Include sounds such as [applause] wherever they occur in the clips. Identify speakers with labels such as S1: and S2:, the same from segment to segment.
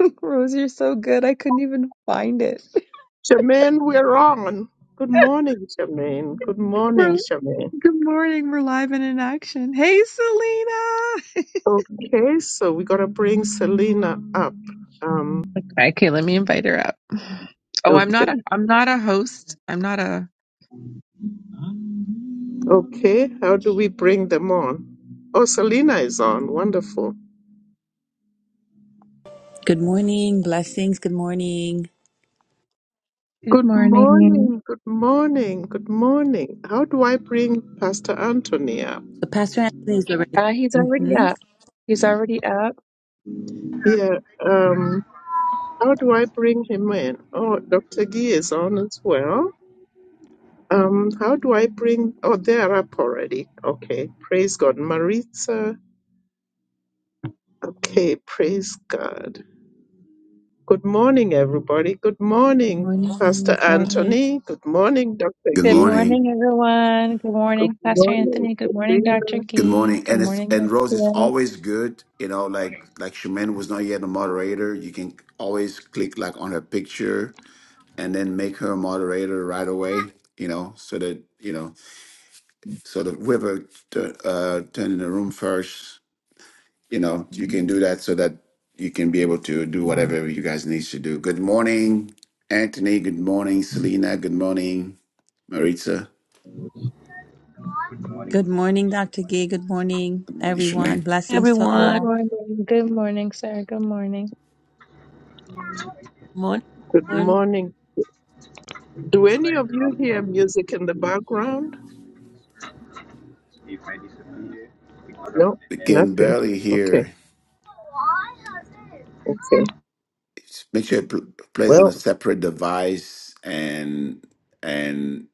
S1: [laughs] Rose, you're so good. I couldn't even find it. [laughs]
S2: Charmaine, we're on. Good morning, Charmaine. Good morning,
S1: We're,
S2: Charmaine.
S1: good morning. We're live and in action. Hey, Selena. [laughs]
S2: Okay, so we gotta bring Selena up. Um,
S1: Okay, let me invite her up. Oh, I'm
S2: okay,
S1: not a. I'm not a host. I'm not a.
S2: okay. How do we bring them on? Oh, Selena is on. Wonderful.
S3: Good morning, blessings. Good morning.
S1: Good
S2: Good
S1: morning.
S2: morning. Good morning. Good morning. How do I bring Pastor Anthony up?
S3: So, Pastor Anthony is already.
S1: Uh, he's already
S3: Mm-hmm.
S1: up. He's already up.
S2: Yeah. Um. How do I bring him in? Oh, Dr. Gee is on as well. Um, how do I bring? Oh, they're up already. Okay, praise God, Maritza. Okay, praise God. Good morning, everybody. Good
S3: Good
S2: morning,
S3: morning, good
S2: Pastor
S3: morning.
S2: Anthony. Good morning, Doctor
S4: Good
S1: Good
S2: Gee.
S4: morning.
S1: morning, everyone. Good
S2: Good
S1: morning, Pastor
S2: morning,
S1: Anthony. Good morning, Dr.
S2: Sabrina.
S4: Good
S1: Gee.
S4: morning.
S1: Good
S4: And it's
S1: morning,
S4: and Rose, it's
S1: Marcia.
S4: always good, you know, like like Shemin was not yet a moderator. You can always click like on her picture and then make her a moderator right away, you know, so that you know, so that whoever tu- uh turn in the room first, you know, you can do that so that you can be able to do whatever you guys need to do. Good morning, Anthony. Good morning, Selena. Good morning, Maritza.
S5: Good morning.
S3: Good morning, Dr. Gay. Good morning,
S4: Good morning,
S3: everyone.
S4: Shemin.
S3: Blessings to
S1: Good
S6: everyone.
S3: all.
S1: morning. Good morning, sir. Good morning.
S6: Morning,
S2: Good
S6: everyone.
S2: morning. Do
S5: If I
S2: any of you
S5: drop
S2: hear
S5: off,
S2: music in the background?
S5: if I disappear, because I'm
S2: No,
S5: at the
S4: Kim
S2: nothing.
S4: barely
S5: airport,
S2: Okay,
S4: here.
S5: just worry.
S2: okay.
S4: Make sure it pl- plays on a
S2: Well,
S4: separate device, and and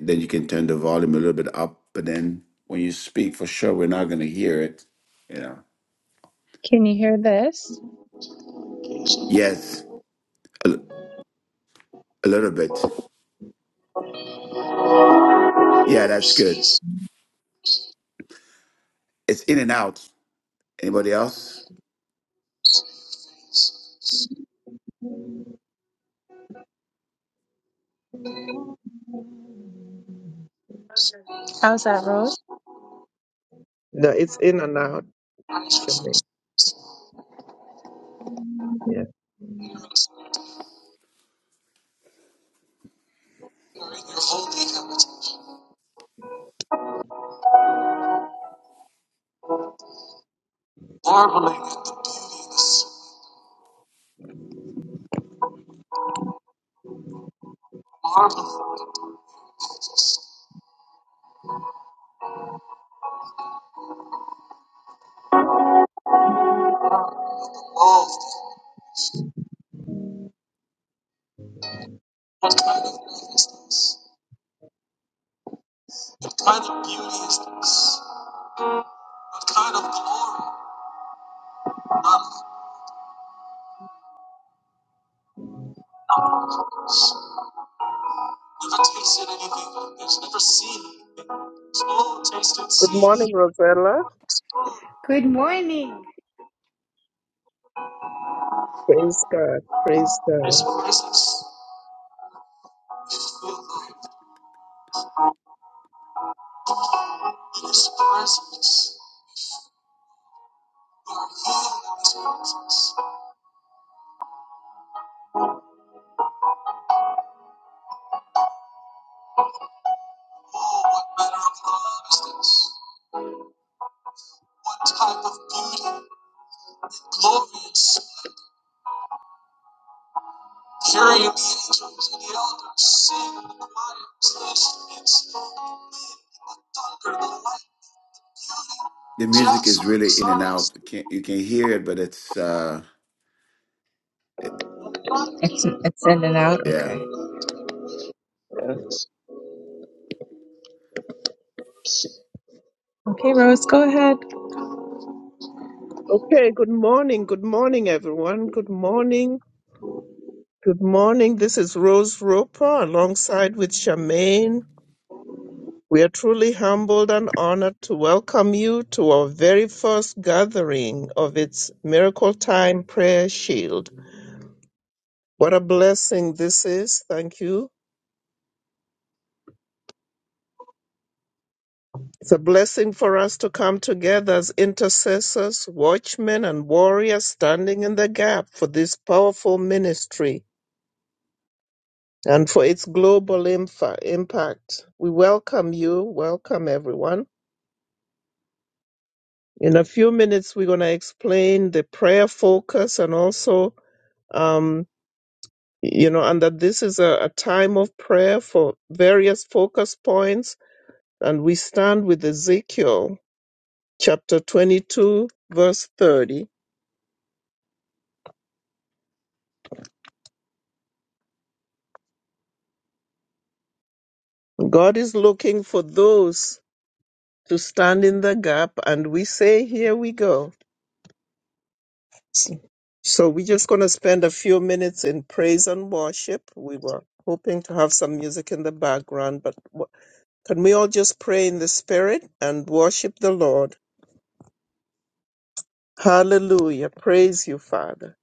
S4: then you can turn the volume a little bit up. But then when you speak, for sure, we're not going to hear it. You know.
S1: Can you hear this?
S4: Yes, a, l- a little bit. Yeah, that's good. It's in and out. Anybody else?
S1: How's that, Rose?
S2: no, it's in and out. Shanae. Yeah.
S1: armor of gold. What kind of beauty is that? What kind of glory? None outweighs. Never tasted anything like this. Never seen anything like this. Oh, taste and
S2: Good
S1: see. His
S2: morning, Rosella.
S7: Good morning.
S2: Praise God. Praise God.
S1: presence is filled with His presence. You are filled with this presence. What manner of love is this? What type of glorious? Hearing the angels and the elders sing in the choir, this instrument, thunder, the light,
S4: The music is
S1: jasper,
S4: really in and
S1: silence.
S4: out. You can you can hear it, but it's uh, it,
S1: It's it's in and out. Okay.
S4: yeah,
S1: Okay, Rose, go ahead.
S2: Okay, good morning. Good morning, everyone. Good morning. Good morning. This is Rose Roper alongside with Charmaine. We are truly humbled and honored to welcome you to our very first gathering of its Miracle Time Prayer Shield. What a blessing this is. Thank you. It's a blessing for us to come together as intercessors, watchmen, and warriors standing in the gap for this powerful ministry and for its global infa- impact. We welcome you, welcome everyone. In a few minutes, we're going to explain the prayer focus and also, um, you know, and that this is a, a time of prayer for various focus points. And we stand with Ezekiel chapter 22, verse 30. God is looking for those to stand in the gap, and we say, Here we go. S- So we're just going to spend a few minutes in praise and worship. We were hoping to have some music in the background, but w- can we all just pray in the spirit and worship the Lord? Hallelujah. Praise you, Father.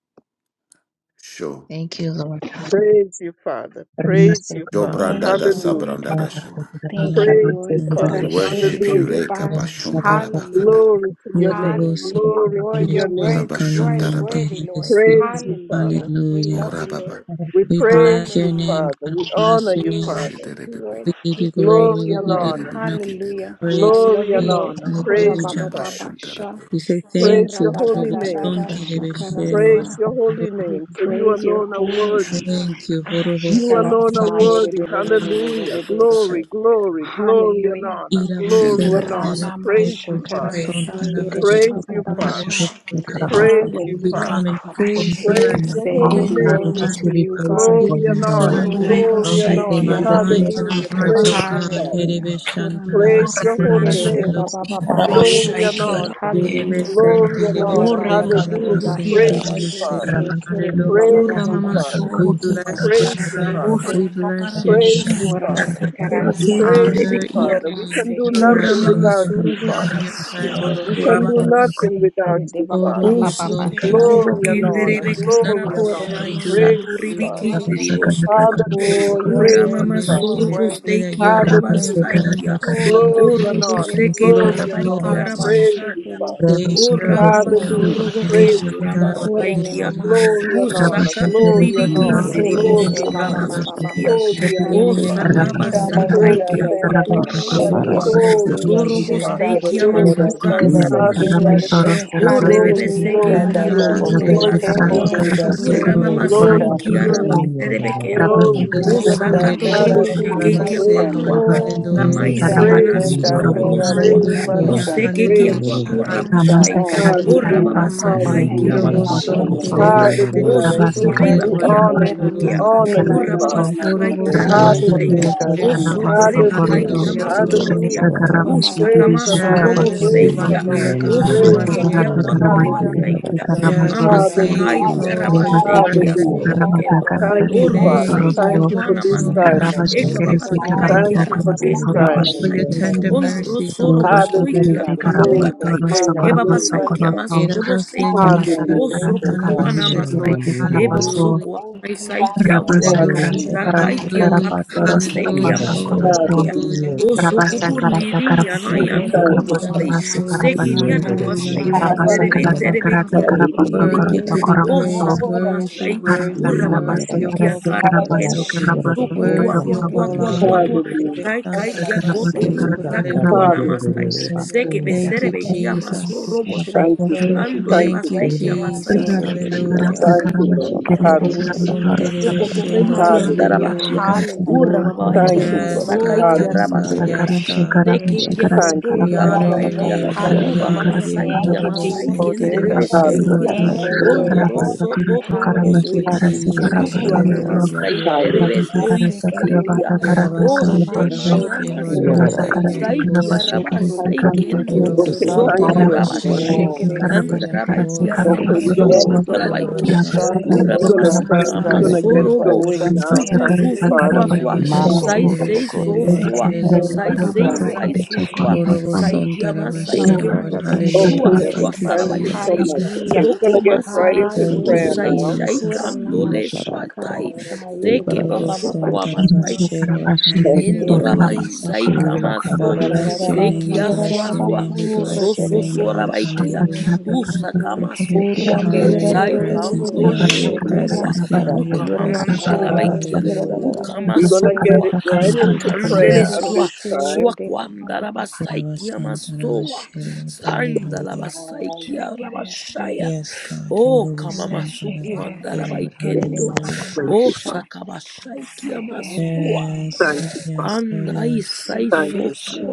S4: sure.
S1: Thank you, Lord. Thank you, Lord.
S2: Praise you, Father. Praise you,
S4: Jo
S2: Father.
S4: branda
S7: Thank
S4: da
S7: you,
S4: sa
S2: Hallelujah.
S7: Lord.
S4: branda da shana.
S7: Cool. Thank
S3: Hello.
S7: you,
S2: Praise
S7: Lord.
S2: you,
S3: Thank you.
S4: We
S2: Father.
S4: worship you,
S2: Hallelujah.
S4: Reka
S7: Kurashikiridibai. Hallelujah.
S4: Bashuntarabakadar.
S2: Glory to your name.
S3: Mission
S7: Hallelujah.
S2: Glory to
S7: Lord,
S2: your
S7: you're
S2: name.
S7: worthy. You are
S3: Calamante,
S7: worthy, Lord.
S2: Praise you,
S7: Hallelujah.
S2: Father.
S7: We
S3: Hallelujah.
S7: love you,
S4: Ora baba.
S7: Lord.
S2: We
S3: We
S2: praise
S3: bless your
S2: you,
S3: name,
S7: Hallelujah.
S2: Father.
S3: God.
S2: We
S3: We
S2: honor
S3: bless your
S2: you,
S7: We
S3: name.
S4: Boshi
S2: Father.
S7: worship
S4: dere
S7: you,
S4: bebe.
S7: Lord.
S3: We give you
S7: We
S3: glory.
S7: praise
S2: Glory
S7: you,
S3: We
S2: and
S3: give
S7: Lord.
S3: you
S4: Dere
S2: honor.
S3: honor,
S4: bebe ke dere.
S7: Hallelujah. I
S3: praise.
S7: love
S2: Glory
S7: you,
S2: and
S3: Okay.
S7: Lord.
S2: honor. Praise you,
S4: Ora
S3: Hallelujah.
S2: Father.
S4: basho dere
S7: Kurababababasha.
S4: bebe.
S3: We say
S2: Praise
S3: thank you,
S2: your
S4: Shundere
S2: holy
S3: Horobo
S4: bebe ke
S2: name.
S3: Son
S4: dere.
S3: Terebeshe, Lord.
S2: Praise
S7: Hiradadadadadashakarasa.
S2: your holy
S3: Lord,
S7: We
S2: name. For you
S7: praise your
S2: alone are
S7: holy
S2: worthy.
S7: name,
S4: Shundere
S3: Thank
S7: Lord.
S3: you, Horobo
S2: You
S3: Son
S2: alone are worthy.
S4: bebe ke
S2: Hallelujah.
S4: dere bosu.
S3: Terebeshe.
S2: Glory,
S7: Ashakarasayerededededededededeshe.
S2: glory, glory and
S7: Hallelujah.
S2: honor. Glory
S3: Irabashen
S4: Shendere
S2: and
S4: bebe.
S2: honor.
S6: Yes,
S7: Urandamba
S3: Terebeshe,
S2: Praise you,
S3: Korobo
S2: Father.
S6: praise
S3: Son
S6: you.
S1: Oh
S3: Tarabashe.
S2: Praise you,
S6: Robo
S2: Father.
S7: shakarasayerede-bababasha.
S6: shake it
S3: Hallelujah.
S6: in
S2: Praise
S6: the
S2: you,
S3: We
S7: Hallelujah.
S6: Abba.
S3: come
S2: Father.
S3: in full
S2: Praise
S3: surrender,
S2: your
S7: Kurashikerese.
S2: holy
S3: full
S1: God, we
S2: name.
S7: Glory
S1: just
S7: to
S3: surrender,
S1: give you
S7: you,
S3: God.
S1: praise and
S7: God.
S1: glory,
S2: Glory
S3: full
S2: and
S1: Lord.
S6: So
S2: honor.
S3: surrender.
S6: Reba
S2: Glory
S1: Lord,
S2: and
S1: we
S3: of
S6: Shaiki
S1: thank
S2: honor.
S3: Our
S1: you that you are
S3: minds
S7: Kuranamashakerese.
S1: the
S3: and
S6: Arabakan
S3: our
S2: Hallelujah.
S1: lifter
S6: Reba
S1: of
S3: hearts,
S1: our
S2: Praise
S3: O
S2: you,
S3: God.
S6: Shaya.
S1: heads.
S2: Father.
S7: Hallelujah.
S3: Terebeshan
S6: O
S2: Praise
S3: Tarabashe.
S2: your
S1: Rabasikura
S6: Rama
S2: holy
S3: Hallelujah.
S2: name.
S6: Soki
S1: Masikarisikara
S6: Araba
S2: Glory and
S1: Rabasikara
S6: Shaiki
S7: Kuranamasikerede-babababayereshe.
S2: honor.
S7: Hallelujah.
S6: Arabakan.
S1: Rabasikara
S3: Terebeshe,
S2: Glory and
S1: Rabasikara
S7: Ora
S6: O
S2: honor.
S7: da
S3: Terebeshe,
S7: da
S6: Rama
S7: da da da
S2: Hallelujah.
S7: da
S3: Kalabashe,
S6: Soroboki
S2: Praise
S6: Araba
S2: you,
S7: shikiri
S3: Terebeshe,
S6: Shaya.
S2: Father.
S7: se
S3: Lord.
S7: kiri
S1: Rabasikara
S7: de ba ba
S3: Hallelujah.
S6: O
S7: ba
S2: Praise
S7: ba
S2: you,
S6: Rama
S7: ba
S2: Father.
S7: sha
S3: We
S1: Rabasikara
S3: bless
S6: Sorobokia.
S3: your
S2: Praise you,
S7: shikiri
S3: name.
S6: O
S1: Rabasikara
S2: Father.
S7: se
S3: We bless
S6: Sakara
S3: your
S1: Rabat
S3: name.
S2: Praise
S1: chicken
S2: you,
S6: Shai.
S1: and
S7: ora
S1: sugar,
S2: Father.
S1: rabat or
S3: We
S7: sakarasha
S1: rabat,
S2: Praise you,
S3: honor your
S6: Rebekia.
S2: Father.
S7: ora
S2: We can
S3: name,
S2: do
S3: your
S7: sekere
S2: nothing
S3: presence.
S6: Uramama
S7: she
S1: and
S2: without
S1: for a
S2: you,
S3: We
S6: sorobo
S3: honor
S1: sugar
S2: Father.
S1: of
S3: your
S6: shaya
S1: sugar of
S3: presence.
S7: Sokoro
S2: We
S6: basura
S2: can
S1: sugar
S2: do
S1: of
S7: shokoro
S6: bakia.
S7: se
S1: sugar
S2: nothing
S1: of
S2: without
S7: here
S1: some.
S7: de
S2: you,
S7: baba, baba,
S2: Father.
S6: O
S3: Orobo
S1: This
S7: ba ba
S1: is sugar
S6: sokoto
S1: and
S3: Sontara.
S6: robo
S1: sugar
S2: Glory
S1: and
S2: and
S1: pass the
S6: kendere
S2: honor.
S7: hallelujah.
S1: corn
S3: There's
S1: and
S6: bekitara
S1: for
S2: Glory
S3: Nothing
S2: and
S1: a
S7: Koro
S3: can
S1: sugar
S7: no
S2: honor.
S6: bashai
S3: we
S1: and
S7: no
S3: do
S7: no
S1: so.
S3: without
S7: no
S2: Praise you,
S6: saturi
S3: you,
S2: Father.
S7: se
S3: Lord.
S7: here
S1: Rabat
S6: bikindiri
S1: sugar
S7: she.
S1: and
S6: bostua.
S1: packer of
S3: Orobo
S7: Oh,
S2: Hallelujah.
S1: sugar
S7: you are
S1: of
S2: Praise
S1: sugar
S2: you,
S7: worthy,
S6: Uramama
S1: of
S7: you are
S2: Father.
S1: sugar
S3: Sontara.
S6: sorobo
S3: We say
S7: worthy,
S3: that
S6: steiki
S3: you
S7: you
S3: are
S7: are
S1: Rabba
S3: King
S7: worthy,
S3: of
S2: Hallelujah.
S1: Sekara
S7: Lord.
S6: arabastaikia.
S3: Kings,
S1: Takaram
S7: Oh,
S3: Jesus,
S6: O
S2: Glory
S1: Takaram
S2: and
S7: rashe
S6: robo
S7: here
S2: honor.
S1: Sekara
S7: se.
S6: seke
S3: Lord
S2: Glory
S1: Sekara
S3: of
S2: and
S6: bastaiki
S2: honor.
S1: Bataram
S3: Lords,
S1: Sekara
S2: Praise
S7: Halabashe
S2: you,
S6: arabashanda.
S7: here
S2: Father.
S1: Rabba
S6: O
S3: Savior of
S1: Sekara
S7: ne
S6: rababa
S7: ma
S3: Lords.
S7: ma
S1: Sekara
S7: ma
S2: Hallelujah.
S7: ma
S6: sorobo
S3: Orobo
S1: Bataram
S7: sa.
S2: Praise
S6: kendo
S2: you,
S1: Sekara
S2: Father.
S3: Sontara.
S7: Hore
S1: Bataram
S7: ne ma
S6: O
S3: Lord,
S1: Sekara
S7: ma
S3: hallelujah.
S2: Glory
S7: se
S6: U
S2: and
S7: here
S1: Rabba
S2: honor,
S7: she.
S1: Sekara
S3: You
S6: sakaturi
S2: glory
S3: are
S2: and
S3: the
S8: Thank
S1: Sekara
S2: honor,
S6: bikindiri
S3: Alpha and
S2: glory
S1: Bataram
S3: the
S7: de
S2: and
S6: bostura
S2: honor.
S1: Sekara
S3: Omega,
S1: Bataram
S6: mastukia.
S2: Holy
S3: the
S2: are you,
S6: O
S7: shakara
S3: beginning and
S2: Father.
S1: Sekara
S7: sa
S3: the
S1: Rabba
S3: end.
S6: sakaba
S7: here de
S1: Sekara
S7: de
S3: Hallelujah.
S9: Ishamadinda
S2: Holy
S1: Matara
S6: sakaikia
S7: de.
S2: are you,
S1: Sarabha
S9: Selaraki
S6: kwatura
S2: Father.
S1: Sekara
S7: She
S3: Orobo
S6: bastua.
S9: Bharatan,
S1: Sakara
S7: here
S2: Holy
S1: Bataram
S7: se
S2: are you,
S6: Sorobo
S7: ne
S3: Sontara.
S7: ma
S2: Father.
S6: steki
S9: Ishamadinda
S2: Glory
S1: Rabba
S2: and honor.
S6: amasukanda
S1: Sekara
S8: you.
S9: Selaraki
S1: Sekara
S6: bashaya.
S2: Hallelujah.
S9: Bharatan,
S1: Matara
S7: Sekereshe.
S6: O
S3: the
S1: Sarabha
S3: first
S6: rebebe
S2: Glory,
S1: Sekara
S7: Hallelujah.
S6: seke
S9: Ida
S3: and
S2: glory,
S3: the
S6: ikia
S9: Dada
S2: glory.
S3: last.
S7: Hallelujah.
S1: Rabba
S6: kwapuri
S9: Bose,
S3: Erebe
S2: Glory to
S1: Sekara
S9: Kevo
S2: your
S6: bastoa.
S1: Sekara
S7: Thank
S2: name.
S9: Deda
S7: you,
S1: Bataram
S9: Si,
S3: Shantalabase,
S7: Lord.
S6: Urama
S3: Lord,
S1: Sekara
S3: hallelujah.
S6: masai
S2: Glory
S7: Thank
S2: to
S7: you,
S6: kia
S1: Bataram
S2: your
S9: Ishikamite,
S6: raba
S7: Lord.
S2: name.
S6: serebekero.
S1: Rabba
S7: Thank
S2: Glory
S7: you,
S3: Orobo
S2: to
S6: O
S1: Sekara
S7: Lord.
S2: your
S9: Imunamada
S2: name.
S6: sakato
S3: Sinterebe
S1: Sakara
S6: robo sheke
S9: Selaraki
S2: Hallelujah.
S1: Bataram
S6: ikia
S7: Harashekerese.
S3: Shantalabase,
S2: Praise you,
S3: Lord,
S6: kwatua.
S9: Bharatan,
S1: Rabaki
S2: Father.
S7: Oh,
S1: Namaste
S3: hallelujah.
S7: so King
S1: Karamatu
S6: Samaisiana
S2: Praise
S7: of
S2: you,
S9: Ishamadinda
S2: Father.
S7: glory.
S1: Sorobo
S6: sotorobosoa.
S2: Praise
S9: Selaraki
S2: you,
S1: Sediripo
S7: Hallelujah.
S2: Father.
S3: Hallelujah,
S9: Bharatan,
S6: Buseke kia
S3: hallelujah,
S2: Praise you,
S6: kwatu
S2: Father.
S9: Isha,
S6: rabashai.
S1: Namaste
S7: Urashakarasai.
S3: hallelujah,
S9: oh, I said
S1: Karate
S6: O
S3: Lord.
S9: Madonna.
S2: Hallelujah.
S1: Karabasa
S6: rababasakai
S1: Korote
S6: kia
S2: Hallelujah.
S3: Irobo
S1: Karabatu
S7: Enamasekereshe.
S6: masorobose.
S1: So
S3: Sonterebe
S9: Ishamadinda
S6: O
S2: Hallelujah.
S1: Rabasa
S9: Selaraki
S7: Yeridebababasai.
S6: sokoriba
S3: Shantalabase,
S2: We
S1: Karate
S3: Lord,
S6: kia
S9: Bharatan,
S2: honor
S1: Karabasa
S2: you. We
S6: masokea.
S3: hallelujah.
S1: Kerese
S2: honor
S6: O
S2: you,
S9: Ina
S7: Yerandandantai.
S1: Karato
S9: na na
S2: Father.
S1: So
S9: na
S6: rababasakai
S9: na,
S3: Orobo
S6: kia
S1: Rabasa
S9: Devo
S7: Resekereshe.
S6: rabashai.
S3: Sonterebe Shantalabase,
S2: Hallelujah.
S9: Deda
S1: Kerese
S6: O
S9: Si,
S3: Father,
S1: Karabaso
S6: sokoreba kai
S7: Nasekere
S2: Hallelujah.
S1: Koroto
S6: kia
S3: hallelujah,
S9: Shishikamite.
S7: shekere
S3: glory.
S7: de
S6: masorobokia.
S1: Rasa
S2: Hallelujah.
S7: baba
S9: In
S6: O
S7: baba
S9: the
S1: Karabashi
S7: baba
S6: sakama
S2: Praise
S1: Kerese
S2: and
S7: basha
S2: honor.
S3: Yes,
S1: Karabatu
S3: you
S2: Praise
S1: So
S3: are
S6: soroboseikia.
S2: and
S7: erese.
S3: here,
S2: honor.
S6: O
S3: God. You
S7: Ana
S3: are
S2: Praise
S1: Rabasa
S6: soke
S7: mama
S2: and
S3: here,
S6: kia
S1: Karate
S7: mama
S2: honor.
S3: God.
S6: kwatu
S1: Karamate
S2: Hallelujah.
S1: Kerese
S6: ribasaikia.
S3: Yes,
S7: shekere
S6: Ama
S3: we
S1: Karamatoro So
S3: thank
S7: se
S6: sakai
S2: Hallelujah.
S3: you,
S6: kia
S7: nene
S3: Lord, for your
S6: rabashai
S1: Kerese
S7: shekere
S6: kia
S3: presence.
S1: Kerese
S7: se
S2: Hallelujah.
S1: Karamata
S6: sorobokendo.
S1: Karata
S2: Thank
S3: We
S6: O
S2: you, Father.
S1: Karamatoro
S3: thank
S7: nasekere
S6: roboseikia
S3: you,
S2: Thank
S1: So
S2: you
S7: se
S2: for
S3: Honorable
S6: kwana
S2: this
S8: Thank
S6: masai.
S3: Santa
S2: time, O
S1: Rabashi
S2: Lord.
S3: Master,
S1: Kerese
S3: for your
S6: Ekababasakai
S3: love,
S2: Thank
S6: kia
S1: Karamato
S2: you for
S1: Kerese
S2: this
S6: rabakendo
S2: time, O
S3: for
S1: Karabashi
S3: your
S6: rabashai.
S2: Lord.
S3: tender
S1: Kerese
S6: Ondoro
S3: mercies, O God.
S6: sorobosoi kia
S2: Hallelujah.
S1: Rebasete
S3: Hallelujah.
S6: kuaturi
S2: Glory,
S6: bakai.
S1: Karapasoro
S2: glory, glory.
S6: Ebabasai
S2: O
S6: kia mas
S1: Sokoroposokoroto
S6: robosei kia.
S3: Yerabasente,
S2: Lord. Hallelujah.
S1: Ramatarasarata
S6: Osoko toana
S3: Santalabase,
S1: Karapashikiri
S6: masai.
S3: Lord,
S6: Ebo
S1: Karapaso
S3: hallelujah.
S6: soko anaisai
S7: shekere
S6: kia utua.
S7: sekere
S1: Rabasakarasa
S2: Hallelujah.
S7: she
S3: Hallelujah,
S6: Sakai
S1: Karasa
S6: kia
S3: hallelujah,
S1: Karapatoro
S6: katarabasei
S7: sekere
S6: kia
S3: hallelujah,
S1: Soroposa
S7: she
S3: Lord,
S1: Korosto
S6: masorobokia.
S7: herin
S2: Hallelujah.
S3: hallelujah.
S7: den
S6: O
S7: den de
S6: sokutun
S1: Rabasakarata
S6: lirin yana
S1: Karapasakara
S7: sekere
S6: yando
S2: Thank
S7: de
S2: you,
S7: mama
S1: Karapatum
S2: Father.
S6: robostay.
S7: mama
S1: Rasa
S3: Yerabasante,
S7: mama
S3: Lord,
S6: Sekin
S1: Karapachi
S6: yana
S7: sakara
S3: hallelujah.
S6: wastay.
S7: sha
S3: You are
S7: here de
S6: Serebe
S3: worthy,
S7: baba
S1: Rabasakarata
S6: serebe
S7: baba
S1: Karata
S7: baba
S6: kiendo
S2: Hallelujah.
S1: Karapasa
S6: robostay
S3: worthy
S6: kia.
S1: Korosto
S3: to
S7: here
S3: be
S7: na
S6: O
S7: na na
S3: praised,
S1: Koromoso
S7: na na
S3: worthy,
S6: sakamasay.
S7: shakara
S1: Karasa
S3: worthy,
S6: Urra
S7: sa
S1: Karapasa
S3: worthy
S6: babasay
S3: of
S6: kia
S3: all
S1: Karasa
S6: karma
S3: glory.
S7: sekere
S1: Karapasa
S6: kendo.
S7: she
S1: Karapasa
S7: here
S6: Sokutu
S1: Koroto
S6: atu
S3: Worthy of
S6: atu
S3: all
S7: sekere
S6: atu atu
S7: she
S3: honor.
S6: atu.
S1: Koroposo
S2: Hallelujah.
S6: Sai
S9: Thank
S6: kai kia koto.
S1: Karapasa
S7: Sukuru
S3: Lord.
S7: du- du-
S1: Karapasa
S7: du- du-
S6: Sakutu
S1: Karapasa
S7: du- du-
S3: Hallelujah.
S7: du-
S9: you.
S7: du-
S2: Hallelujah.
S6: anamastay.
S7: du- du- du-
S1: Koroso
S7: du- du-
S6: Seke be
S3: Thank you,
S6: serebe
S8: you.
S7: shukuru
S9: Oh.
S6: kia
S7: su-
S6: maso
S3: Jesus.
S1: Rabasa
S7: shi-
S6: robostay.
S2: Thank you, Lord.
S7: Thank you,
S6: Ando
S2: Thank
S3: Thank
S2: you,
S3: you,
S7: Jesus.
S6: rebastay
S2: Lord.
S6: kia
S8: Makoko
S6: masay
S3: Jesus.
S7: Thank you,
S1: Masakara
S6: kia.
S3: Hallelujah.
S7: Jesus.
S2: Thank
S7: Thank
S1: Sakara
S2: you,
S7: you,
S2: Lord.
S6: Kankia
S7: Jesus. Thank
S2: Hallelujah.
S7: you,
S6: pasai.
S7: Jesus.
S6: Soko
S3: Orobosonterebeshe,
S6: torredi
S3: Lord.
S2: Hallelujah.
S7: Hallelujah.
S6: kiandarabakia.
S3: Hallelujah.
S6: Urra
S7: Hallelujah.
S6: babai kia
S2: Thank you, Lord.
S3: Yes,
S6: monsakai
S3: God.
S6: kia
S7: Oh, da-
S3: Yes,
S2: Hallelujah.
S3: God.
S7: na- na-
S6: rabashanda.
S3: Yes, God.
S6: Seke
S7: shikere-
S6: kia
S2: Thank you,
S3: We
S7: sikere-
S6: kotorra
S2: Father.
S7: de-
S3: honor
S7: de-
S6: bakai
S3: your
S7: de.
S6: kia.
S3: name, God. We
S6: Uba
S3: honor
S7: Hallelujah.
S6: babasai
S3: you.
S6: kia
S7: Thank you,
S6: masai
S7: Jesus.
S6: kenderebe
S3: Horobosenterebeshe, Lord.
S6: seikia.
S2: Hallelujah.
S7: Thank you, Lord.
S6: Ondo
S3: Hallelujah.
S6: rosso toto
S3: Thank you,
S6: roboskoi.
S7: Hallelujah. Na na,
S3: Jesus.
S6: Sututu
S7: shekere,
S3: Hallelujah.
S6: anamastai
S7: se.
S3: You are
S6: terebe
S2: Hallelujah.
S3: worthy.
S6: stoi
S7: Sekerede
S6: saikia.
S7: baba baba
S6: O
S7: baba
S3: Kerabasanta
S6: shema
S7: shy
S3: rabashe, Lord,
S7: hidden din
S6: yamasto.
S7: din de
S3: hallelujah,
S6: Saikia
S3: glory.
S1: Bashikiri
S7: sukuru do
S6: rabasai
S7: do do do do
S6: kendo.
S7: do do
S2: Okay,
S7: do do
S6: Soko
S2: thank
S7: du
S2: you,
S3: Irabashantarabashe,
S1: Rabasi
S2: everyone.
S6: torabashai.
S3: Lord,
S1: kerese
S7: shekere se
S3: hallelujah,
S1: karabasi
S6: Andarabai
S1: karase
S6: kia
S3: glory.
S2: Okay,
S6: ramama
S1: karabato
S2: we're
S7: sekerede
S2: gonna
S6: soko
S1: rosso
S7: baba baba baba
S6: ndorabaikia.
S1: rabasa
S7: shy
S9: Sean
S7: rene
S1: karata
S2: we're
S9: Mulvey,
S3: Irabashantarabashe,
S2: gonna
S7: mama
S9: Darcy
S3: Lord,
S6: Urababasaka
S2: start.
S1: karabasi
S7: masa
S2: We're
S9: Valley,
S2: gonna
S1: karata
S9: Key,
S2: get
S3: hallelujah,
S6: masorobo
S9: Wada
S2: going
S3: glory.
S2: now.
S1: rabasa
S6: sutu
S7: era
S2: Thank
S6: su
S2: you,
S1: karata
S6: su sua
S2: Father.
S7: sekerede
S6: sua
S1: karabasi
S7: kereşe
S6: sai
S9: Shunda,
S1: kerese
S6: sei
S3: Irabashantarabashe,
S6: so
S9: It's
S3: Lord,
S9: like
S6: sua
S1: rabasa
S9: a
S7: Sekerende
S1: karata
S9: for
S6: sai
S3: hallelujah.
S9: the
S6: sei
S9: sun.
S1: karabasi
S6: sai
S7: mbambambayere
S6: su
S1: korato
S6: sua
S7: shekere
S1: korabaso
S7: se
S6: sai kiama
S7: seherende
S6: sai
S3: Orobosontarabashe, Lord,
S1: rabasi
S6: kendo
S7: mbambayere
S1: karata
S2: Okay,
S6: sua
S3: hallelujah.
S7: shekere
S6: sua
S2: everyone.
S1: karabasi
S3: Thank you,
S7: se
S2: Thank
S6: sarabai
S2: you
S1: karata
S2: so
S6: sei
S3: Jesus.
S2: much. Okay,
S1: karabasi
S7: hallelujah
S2: we're gonna
S6: sokoma
S2: get right
S6: sai
S2: into
S3: Thank you,
S2: prayer
S6: usai
S2: now.
S7: hallelujah
S6: shai
S7: kura
S3: Jesus.
S6: kando
S7: nama
S6: le sua
S7: shakara
S6: tai
S7: sayere de
S6: sekebo
S7: baba baba
S6: sokoama
S7: shakara
S1: kerese
S3: Orobosontarabashe,
S7: se
S3: Lord,
S1: karabashi
S2: Thank
S1: kerese
S7: yere
S6: Endorabai
S3: hallelujah.
S1: karabaso korato
S8: Ila
S7: shakara
S6: saikamaso
S1: korabato
S7: sayere
S3: Bless
S7: de
S1: rosso
S3: your
S7: baba
S3: name,
S8: kararararabasi,
S3: we
S6: sekia
S7: baba
S3: bless
S6: sua
S3: your
S7: shakara
S6: sua
S3: name,
S8: yarararabasu,
S3: we bless
S6: so
S3: your
S6: so
S3: name,
S6: so
S8: rekerediera.
S7: sekere
S3: God,
S1: rabasa
S6: rabaikia
S3: hallelujah.
S7: sheherende
S1: karata
S7: mbele
S1: karabasi
S6: usakamaso
S7: here
S1: kerese
S6: kua
S2: you. Thank
S7: shekere
S3: honor
S1: karabaso
S2: you.
S3: your
S7: se
S3: presence.
S8: Urrandirarererererere,
S3: We
S6: saikandole
S3: honor
S1: rabasa
S3: your
S1: karata
S7: shekere
S8: kererediera,
S6: sokotua
S3: presence. We
S7: se
S1: karabasi
S3: honor
S8: kabarato,
S3: your
S1: karase
S7: here
S8: yororoku,
S3: presence,
S6: ukamamanda
S3: God.
S8: kobra,
S7: shekere
S6: rabaikia
S1: karabato
S7: se
S3: Hallelujah.
S8: yararararaba.
S7: herende
S2: We're
S6: ukamaso
S2: gonna
S7: mbele.
S2: get
S6: kua
S2: it right
S3: Thank you,
S2: into prayer
S6: sakandele
S2: at
S7: Amasokoro
S3: Jesus.
S6: stua
S2: this
S7: shoyere
S2: time.
S6: sua
S7: de ba ba
S6: kwanda
S7: ba ba ba.
S3: Rava
S6: rabasaikia
S3: Santa Rava She,
S6: masoa
S3: Lord.
S7: Shakarasa,
S6: sanda
S3: Hallelujah.
S6: rabasaikia
S7: shakarese,
S6: rabashaya
S3: Yes, God.
S6: o
S3: Rava
S7: na
S3: Santa Rava
S6: kamamasuku anda
S3: She,
S7: shakarese,
S3: Lord.
S7: here de
S2: Yes.
S7: ba
S6: rabaikendo
S7: ba
S3: Hallelujah.
S7: ba ba
S2: Thank
S6: o
S2: you,
S7: sha.
S2: Father.
S6: sakabashaikia masoa
S7: Sekereshe,
S3: Yes,
S2: Thank
S3: Lord.
S2: you,
S3: Yes,
S2: Father.
S3: Lord. Yes.
S6: Andaisai
S2: Thank you, Father.
S7: sekereshe,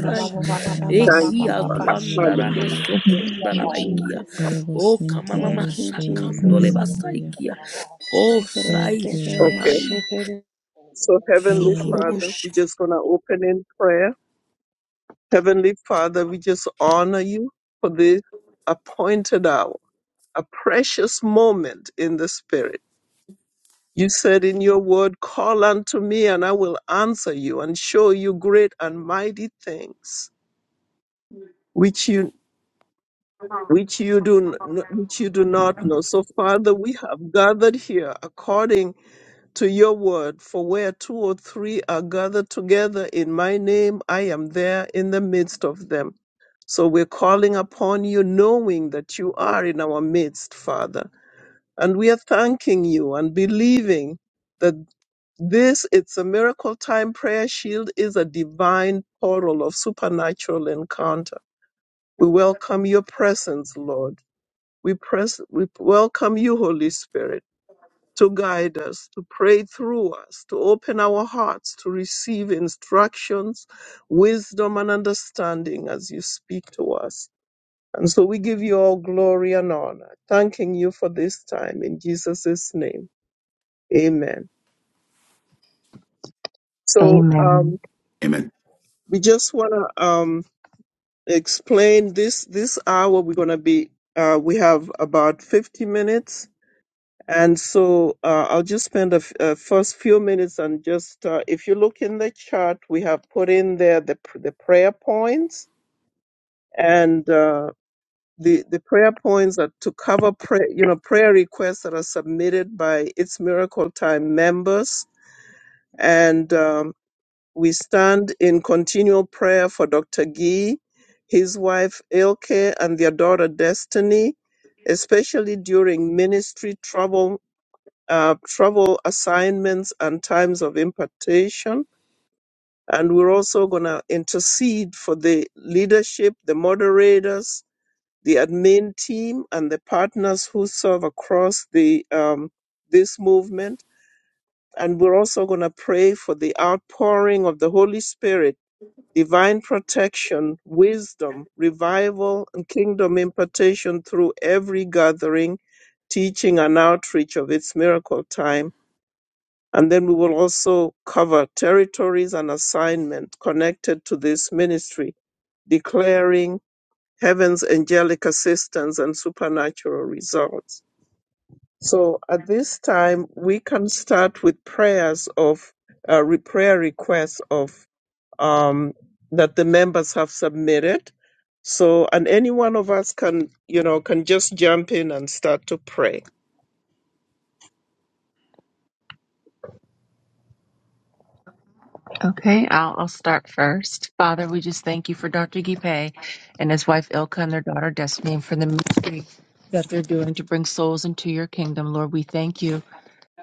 S7: na ba ba ba
S3: Santa
S7: ba ba
S3: Rava
S7: ba ba
S2: Thank
S7: ba
S3: She,
S2: you,
S6: ekia
S7: ba
S3: Lord.
S2: Father.
S6: tuandarama
S2: Hallelujah.
S3: Hallelujah.
S7: Thank you,
S6: sokondalabaikia
S7: Jesus.
S3: Rava
S6: o
S3: Santa
S6: kamamama
S3: Rava
S7: Thank
S3: She,
S7: you,
S3: Lord.
S6: sakandole
S7: Jesus.
S3: Hallelujah.
S6: basaikia o
S7: Shakere,
S6: sai
S3: Thank you,
S7: shakere,
S2: Okay.
S6: shamai
S7: shakere.
S2: So, Heavenly
S3: Lord.
S2: Father, we're
S6: sotoroboshe.
S2: just going to open in prayer. Heavenly Father, we just honor you for this appointed hour, a precious moment in the Spirit. You said in your word, Call unto me, and I will answer you and show you great and mighty things which you which you do n- which you do not know. So Father, we have gathered here according to your word, for where two or three are gathered together in my name, I am there in the midst of them. So we're calling upon you, knowing that you are in our midst, Father. And we are thanking you and believing that this, it's a miracle time prayer shield, is a divine portal of supernatural encounter. We welcome your presence, Lord. We, press, we welcome you, Holy Spirit to guide us, to pray through us, to open our hearts to receive instructions, wisdom, and understanding as you speak to us. And so we give you all glory and honor, thanking you for this time in Jesus' name. Amen. So um,
S1: Amen.
S4: Amen.
S2: we just want to um, explain this this hour. We're going to be uh, we have about 50 minutes And so uh, I'll just spend the f- uh, first few minutes and just, uh, if you look in the chart, we have put in there the, pr- the prayer points and uh, the, the prayer points are to cover prayer, you know, prayer requests that are submitted by It's Miracle Time members. And um, we stand in continual prayer for Dr. Gee, his wife Ilke, and their daughter Destiny, especially during ministry trouble uh, travel assignments and times of impartation. And we're also going to intercede for the leadership, the moderators, the admin team, and the partners who serve across the um, this movement. And we're also going to pray for the outpouring of the Holy Spirit, divine protection, wisdom, revival, and kingdom impartation through every gathering, teaching, and outreach of its miracle time and then we will also cover territories and assignment connected to this ministry, declaring heaven's angelic assistance and supernatural results. So at this time, we can start with prayers of uh, re- prayer requests of um, that the members have submitted. So, and any one of us can, you know, can just jump in and start to pray.
S1: Okay, I'll, I'll start first. Father, we just thank you for Dr. Gipe and his wife Ilka and their daughter Destiny and for the ministry that they're doing to bring souls into your kingdom. Lord, we thank you.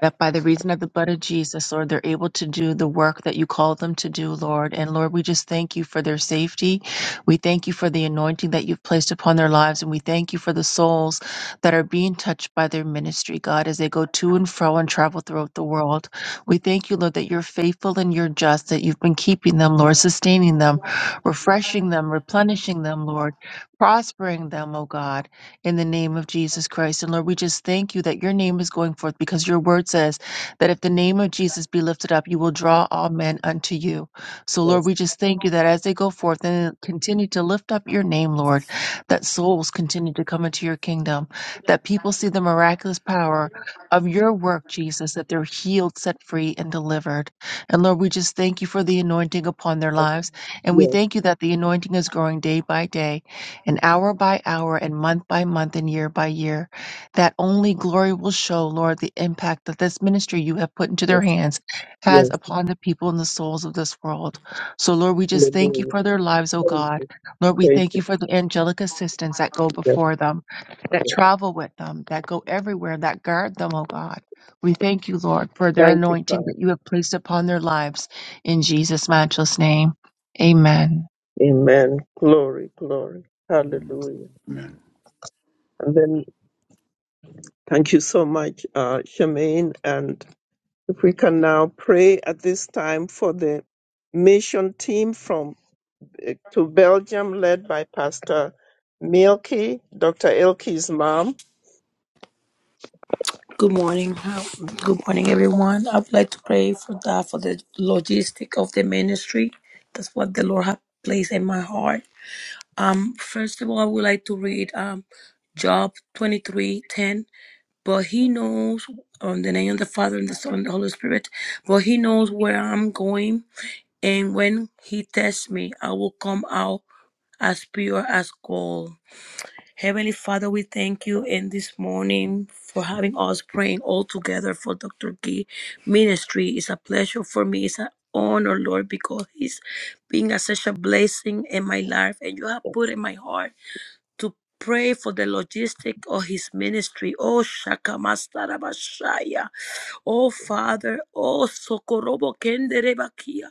S1: that by the reason of the blood of Jesus, Lord, they're able to do the work that you called them to do, Lord. And Lord, we just thank you for their safety. We thank you for the anointing that you've placed upon their lives. And we thank you for the souls that are being touched by their ministry, God, as they go to and fro and travel throughout the world. We thank you, Lord, that you're faithful and you're just, that you've been keeping them, Lord, sustaining them, refreshing them, replenishing them, Lord, prospering them, oh God in the name of Jesus Christ. And Lord, we just thank you that your name is going forth because your word says that if the name of Jesus be lifted up, you will draw all men unto you. So, Lord,
S2: Yes,
S1: we just thank you that as they go forth and continue to lift up your name, Lord, that souls continue to come into your kingdom, that people see the miraculous power of your work, Jesus, that they're healed, set free, and delivered. And Lord, we just thank you for the anointing upon their
S2: yes,
S1: lives. And we
S2: yes,
S1: thank you that the anointing is growing day by day and hour by hour and month by month and year by year, that only glory will show, Lord, the impact that this ministry you have put into their
S2: yes.
S1: hands has
S2: yes,
S1: upon the people and the souls of this world. So, Lord, we just thank you
S2: Hallelujah.
S1: for their lives, oh
S2: Thank
S1: God.
S2: you.
S1: Lord, we
S2: Praise
S1: thank
S2: you.
S1: you for the angelic assistants that go
S2: Yes,
S1: before them, that
S2: yes.
S1: travel with them, that go everywhere, that guard them, oh God. We thank you, Lord, for their
S2: Thank you,
S1: anointing
S2: Father.
S1: that you have placed upon their lives. In Jesus' matchless name, amen.
S2: Amen. Glory, glory.
S4: Mm,
S2: Hallelujah.
S4: Amen.
S2: And then thank you so much, uh, Shemaine. And if we can now pray at this time for the mission team from eh, to Belgium, led by Pastor Milky, Dr. Ilke's mom.
S6: Good morning. How- Good morning, everyone. I would like to pray for that for the logistic of the ministry. That's what the Lord has placed in my heart. Um, first of all, I would like to read um, Job 23 10. But he knows um, the name of the Father and the Son and the Holy Spirit. But he knows where I'm going. And when he tests me, I will come out as pure as gold. Heavenly Father, we thank you in this morning for having us praying all together for Dr. Gee ministry. It's a pleasure for me. It's an honor, Lord, because he's being a, such a blessing in my life and you have
S2: Yes,
S6: put in my heart to pray for the logistic of his ministry. Oh Shakamastarabashaya. Oh Father, oh Sokorobo Kenderebakia.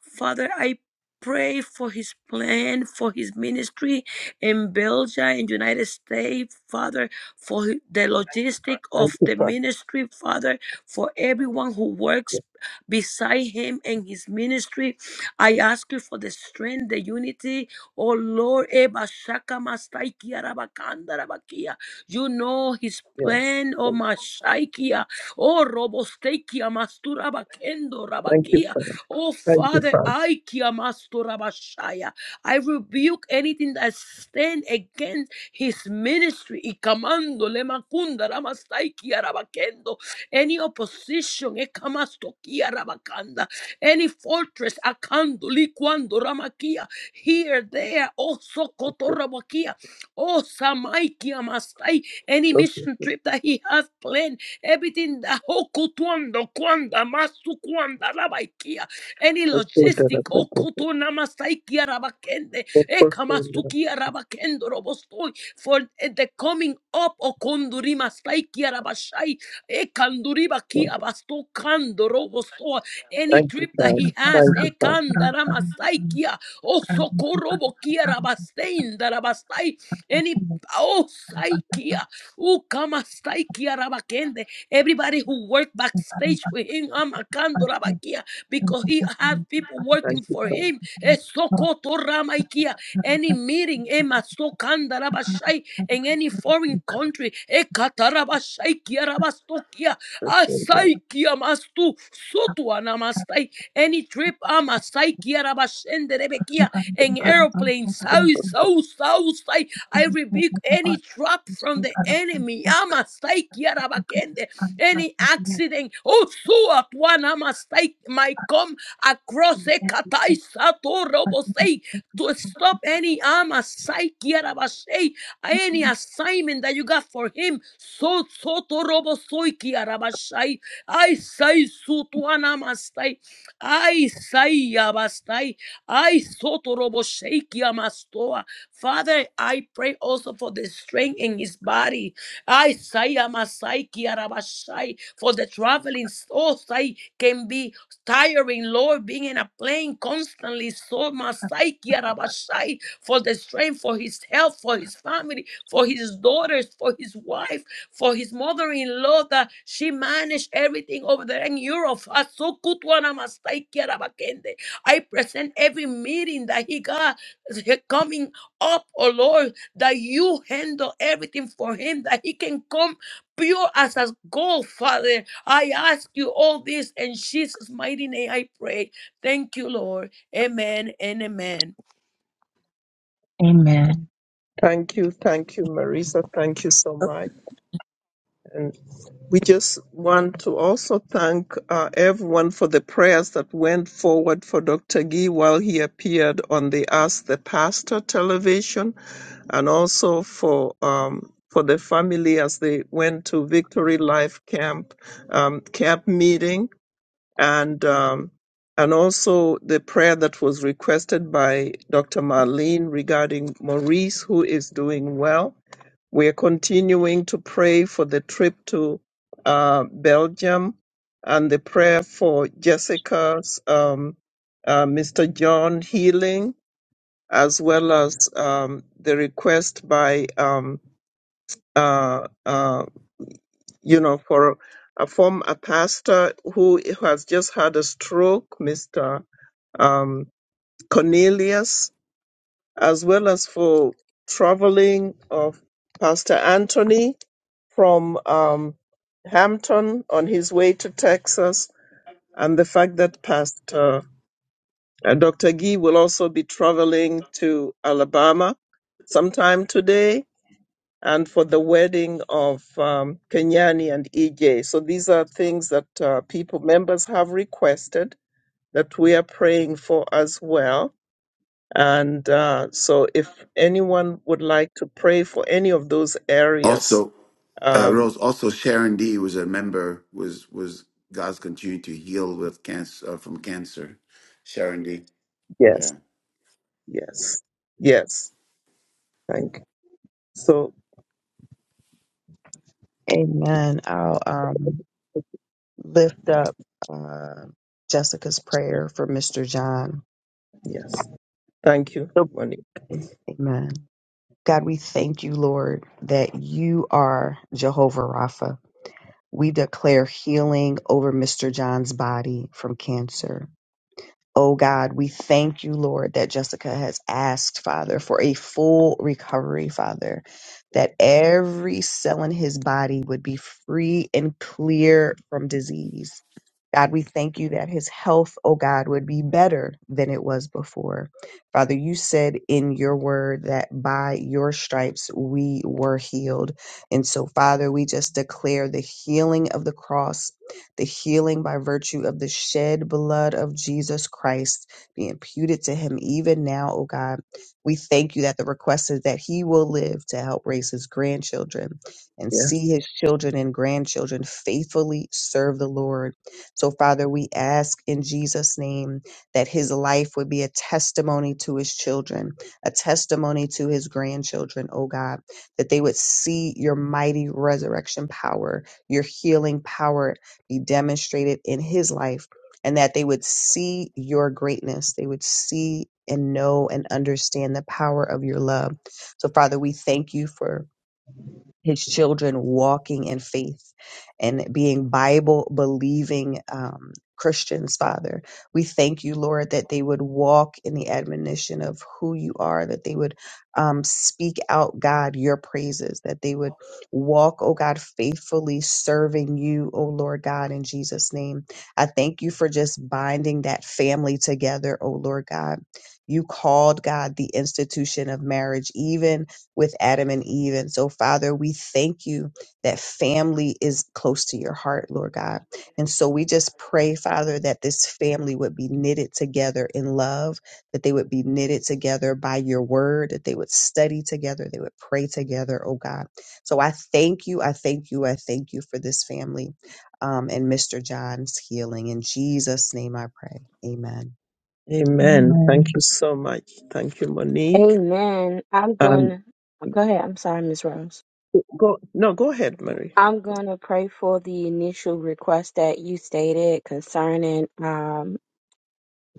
S6: Father, I pray for his plan for his ministry in Belgium and United States, Father, for hi- the
S2: yes.
S6: logistic
S2: Thank
S6: of
S2: you,
S6: the
S2: Pastor.
S6: ministry, Father, for everyone who works
S2: Yes.
S6: beside him and his ministry. I ask you for the strength, the unity, Oh Lord, Eba Shaka Mastaikia Rabakanda Rabakia. You know his plan,
S2: yes.
S6: oh Mashaikia. Oh Robostekia Mastura Bakendo
S2: Thank you,
S6: Rabakia.
S2: Father.
S6: Oh
S2: Thank you,
S6: Father,
S2: Father.
S6: Aikia Mastura Bashaya. I rebuke anything that stand against his ministry. Ikamando Lemakunda Ramastaikia Rabakendo. Any opposition, Ekamastokia Rabakanda. Any fortress, Akando Liquando ramakia here, there, oh, Sokotorabakia, oh, Samaikia Masai, any
S2: Thank you,
S6: mission
S2: Father.
S6: trip that he has planned, everything that Hokotuando, Kwanda, Masu Kwanda, Rabaikia, any
S2: Thank
S6: logistic,
S2: you,
S6: Okotuna Masaikia Rabakende, Ekamasukia Rabakendo Robostoi, for the coming up, Okonduri Masaikia Rabashai, Ekanduri Bakia Basto Kando Robostoa,
S2: Father.
S6: any
S2: Thank you,
S6: trip that
S2: sir.
S6: he has,
S2: thank Father.
S6: Ekandara Masaikia, Oh, sokorobo kia rabastein darabastai. Any oh saikia. Oh, kamastai kia rabakende. Everybody who worked backstage with him, amakando rabakia, because he had people working for him. Eh, sokoto ramaikia. Any meeting, ema sokanda rabashai, in any foreign country, eh, katarabashai kia rabastokia. Asai kia mastu sotu anamastai. Any trip, Amasaikia, Rabashende, Rebekia, and airplanes. So, so, so, say, I rebuke any trap from the enemy. Amasaikia, Rabakende, any accident. Oh, so at one, Amasaik might come across a Katai Sato Robosei to stop any Amasaikia, Rabashei any assignment that you got for him. So so to torobo soiki arabashai. I say so sutuana I say, abastai. I sotorobo, shake, Amastoa, Father, I pray also for the strength in his body. I say, amasai, kiarabashai. For the traveling, so sai, can be tiring, Lord, being in a plane constantly. So, masai, kiarabashai. For the strength, for his health, for his family, for his daughters, for his wife for his mother-in-law that she managed everything over there in Europe. Asukutuanamasaikerabakende. I present every meeting that he got coming up, oh Lord, that you handle everything for him, that he can come pure as a gold, Father. I ask you all this in Jesus' mighty name I pray. Thank you, Lord. Amen and amen.
S1: Amen.
S2: Thank you, thank you, Marisa. Thank you so much. And we just want to also thank uh, everyone for the prayers that went forward for Dr. Gee while he appeared on the Ask the Pastor television, and also for um, for the family as they went to Victory Life Camp um, camp meeting, and um, and also the prayer that was requested by Dr. Marlene regarding Maurice, who is doing well we're continuing to pray for the trip to uh, Belgium and the prayer for Jessica's, um, uh, Mr. John healing, as well as um, the request by, um, uh, uh, you know, for a former a pastor who has just had a stroke, Mr. Um, Cornelius as well as for traveling of Pastor Anthony from um, Hampton on his way to Texas, and the fact that Pastor uh, Dr. Gee will also be traveling to Alabama sometime today, and for the wedding of um, Kenyani and EJ. So these are things that uh, people members have requested that we are praying for as well and uh, so, if anyone would like to pray for any of those areas,
S4: Also, uh,
S2: um,
S4: Rose, also Sharon D was a member, was was God's continuing to heal with cancer uh, from cancer. Sharon D. yeah.
S2: yes, yes, yes. Thank you. So,
S8: Amen. I'll um, lift up uh, Jessica's prayer for Mr. John.
S2: yes, thank you,
S8: So-
S2: Monique.
S8: Amen. God, we thank you, Lord, that you are Jehovah Rapha. We declare healing over Mr. John's body from cancer. Oh God, we thank you, Lord, that Jessica has asked, Father, for a full recovery, Father, that every cell in his body would be free and clear from disease. God, we thank you that his health, oh God, would be better than it was before. Father, you said in your word that by your stripes we were healed. And so, Father, we just declare the healing of the cross, the healing by virtue of the shed blood of Jesus Christ be imputed to him even now, oh God. We thank you that the request is that he will live to help raise his grandchildren and
S2: Yes,
S8: see his children and grandchildren faithfully serve the Lord so, Father, we ask in Jesus' name that his life would be a testimony to his children, a testimony to his grandchildren, oh God, that they would see your mighty resurrection power, your healing power be demonstrated in his life, and that they would see your greatness. They would see and know and understand the power of your love. So, Father, we thank you for his children walking in faith and being Bible believing um, Christians, Father. We thank you, Lord, that they would walk in the admonition of who you are, that they would um, speak out, God, your praises, that they would walk, oh God, faithfully serving you, oh Lord God, in Jesus' name. I thank you for just binding that family together, oh Lord God. You called, God, the institution of marriage, even with Adam and Eve. And so, Father, we thank you that family is close to your heart, Lord God. And so we just pray, Father, that this family would be knitted together in love, that they would be knitted together by your word, that they would study together, they would pray together, oh God. So I thank you, I thank you, I thank you for this family um, and Mr. John's healing. In Jesus' name I pray. Amen.
S2: amen. Thank
S1: Amen.
S2: you so much. Thank you, Monique.
S10: Amen. I'm
S2: Um,
S10: gonna go ahead. I'm sorry, Miss Rose.
S2: go no, go ahead, Marie.
S10: I'm gonna pray for the initial request that you stated concerning um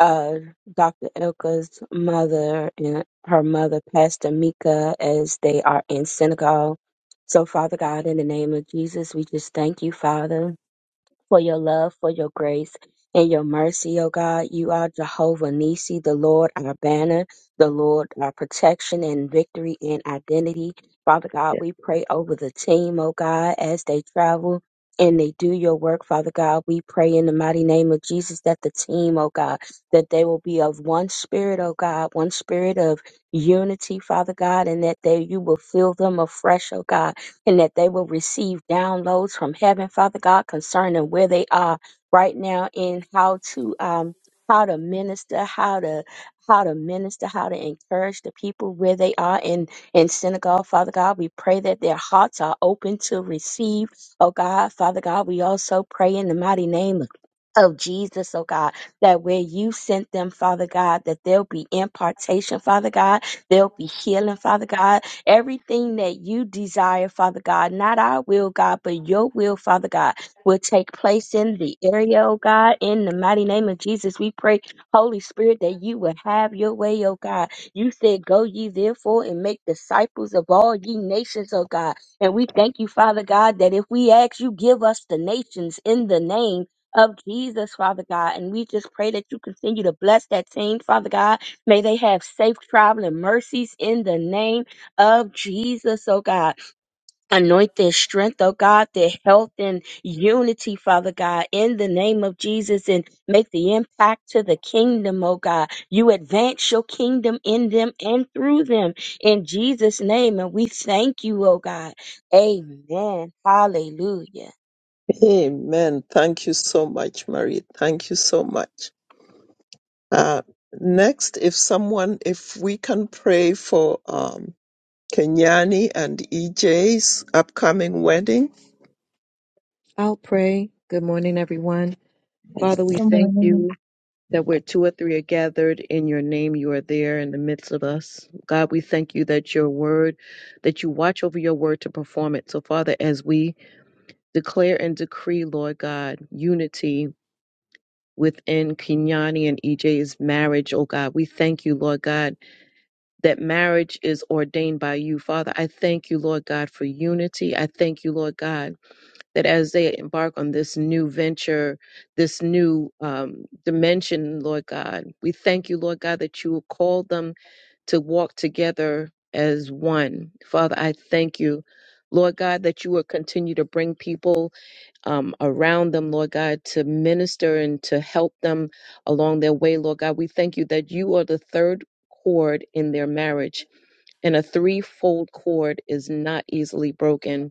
S10: uh Dr. Ilka's mother and her mother, Pastor Mika, as they are in Senegal. So, Father God, in the name of Jesus, we just thank you, Father. for your love, for your grace, and your mercy, O God. You are Jehovah Nisi, the Lord our banner, the Lord our protection and victory and identity. Father God,
S2: Yeah.
S10: we pray over the team, O God, as they travel. And they do your work, Father God. We pray in the mighty name of Jesus that the team, O God, that they will be of one spirit, O God, one spirit of unity, Father God, and that they you will fill them afresh, O God, and that they will receive downloads from heaven, Father God, concerning where they are right now and how to um how to minister, how to how to minister, how to encourage the people where they are in in synagogue, Father God. We pray that their hearts are open to receive, oh God, Father God. We also pray in the mighty name of of Jesus, oh God, that where you sent them, Father God, that there'll be impartation, Father God, there'll be healing, Father God, Everything that you desire, Father God, not our will, God, but your will, Father God, will take place in the area, oh God. In the mighty name of Jesus, we pray, Holy Spirit, that you will have your way, oh God. You said, Go ye therefore and make disciples of all ye nations, oh God. And we thank you, Father God, that if we ask, you give us the nations in the name of Jesus, Father God. And we just pray that you continue to bless that team, Father God. May they have safe traveling mercies in the name of Jesus, oh God. Anoint their strength, oh God, their health and unity, Father God, in the name of Jesus, and make the impact to the kingdom, oh God. You advance your kingdom in them and through them in Jesus' name, and we thank you, oh God. Amen. Hallelujah.
S2: Amen. Thank you so much, Marie. Thank you so much. Uh, next, if someone, if we can pray for um, Kenyani and EJ's upcoming wedding.
S11: I'll pray. Good morning, everyone. Father, we
S1: Good
S11: thank
S1: morning.
S11: you that where two or three are gathered in your name, you are there in the midst of us. God, we thank you that your word, that you watch over your word to perform it. So, Father, as we declare and decree, Lord God, unity within Kenyani and EJ's marriage, oh God, we thank you, Lord God, that marriage is ordained by you. Father, I thank you, Lord God, for unity. I thank you, Lord God that as they embark on this new venture, this new um, dimension, Lord God, we thank you, Lord God, that you will call them to walk together as one. Father, I thank you. Lord God, that you will continue to bring people um, around them, Lord God, to minister and to help them along their way, Lord God. We thank you that you are the third cord in their marriage, and a threefold cord is not easily broken.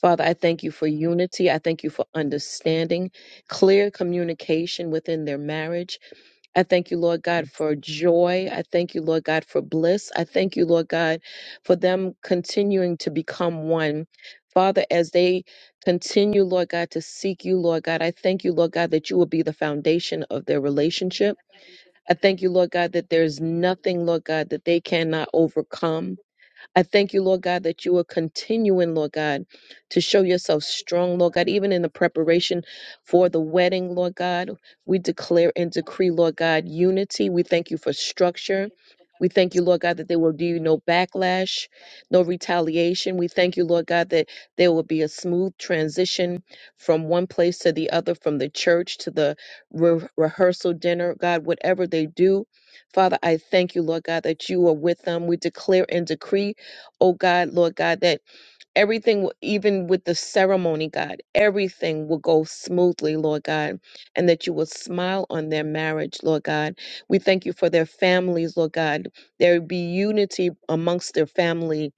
S11: Father, I thank you for unity. I thank you for understanding, clear communication within their marriage. I thank you, Lord God, for joy. I thank you, Lord God, for bliss. I thank you, Lord God, for them continuing to become one. Father, as they continue, Lord God, to seek you, Lord God, I thank you, Lord God, that you will be the foundation of their relationship. I thank you, Lord God, that there's nothing, Lord God, that they cannot overcome. I thank you, Lord God, that you are continuing, Lord God, to show yourself strong, Lord God, even in the preparation for the wedding, Lord God. We declare and decree, Lord God, unity. We thank you for structure. We thank you, Lord God, that there will be no backlash, no retaliation. We thank you, Lord God, that there will be a smooth transition from one place to the other, from the church to the re- rehearsal dinner, God, whatever they do. Father, I thank you, Lord God, that you are with them. We declare and decree oh God, Lord God, that everything, w- even with the ceremony, God, everything will go smoothly, Lord God, and that you will smile on their marriage, Lord God. We thank you for their families, Lord God. There would be unity amongst their family,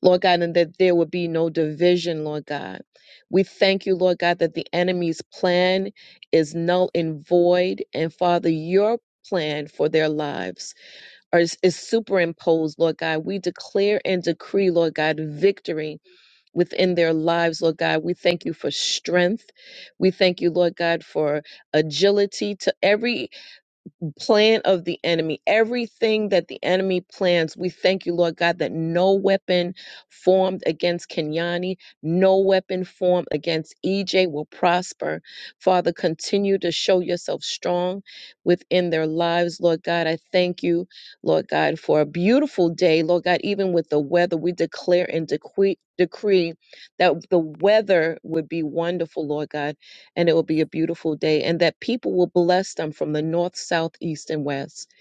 S11: Lord God, and that there would be no division, Lord God. We thank you, Lord God, that the enemy's plan is null and void, and Father, your plan for their lives or is, is superimposed, Lord God. We declare and decree, Lord God, victory within their lives, Lord God. We thank you for strength. We thank you, Lord God, for agility to every plan of the enemy, everything that the enemy plans. We thank you, Lord God, that no weapon formed against Kenyani, no weapon formed against EJ will prosper. Father, continue to show yourself strong within their lives, Lord God. I thank you, Lord God, for a beautiful day, Lord God, even with the weather, we declare and decree. Decree that the weather would be wonderful, Lord God and it will be a beautiful day, and that people will bless them from the north, south, east, and west.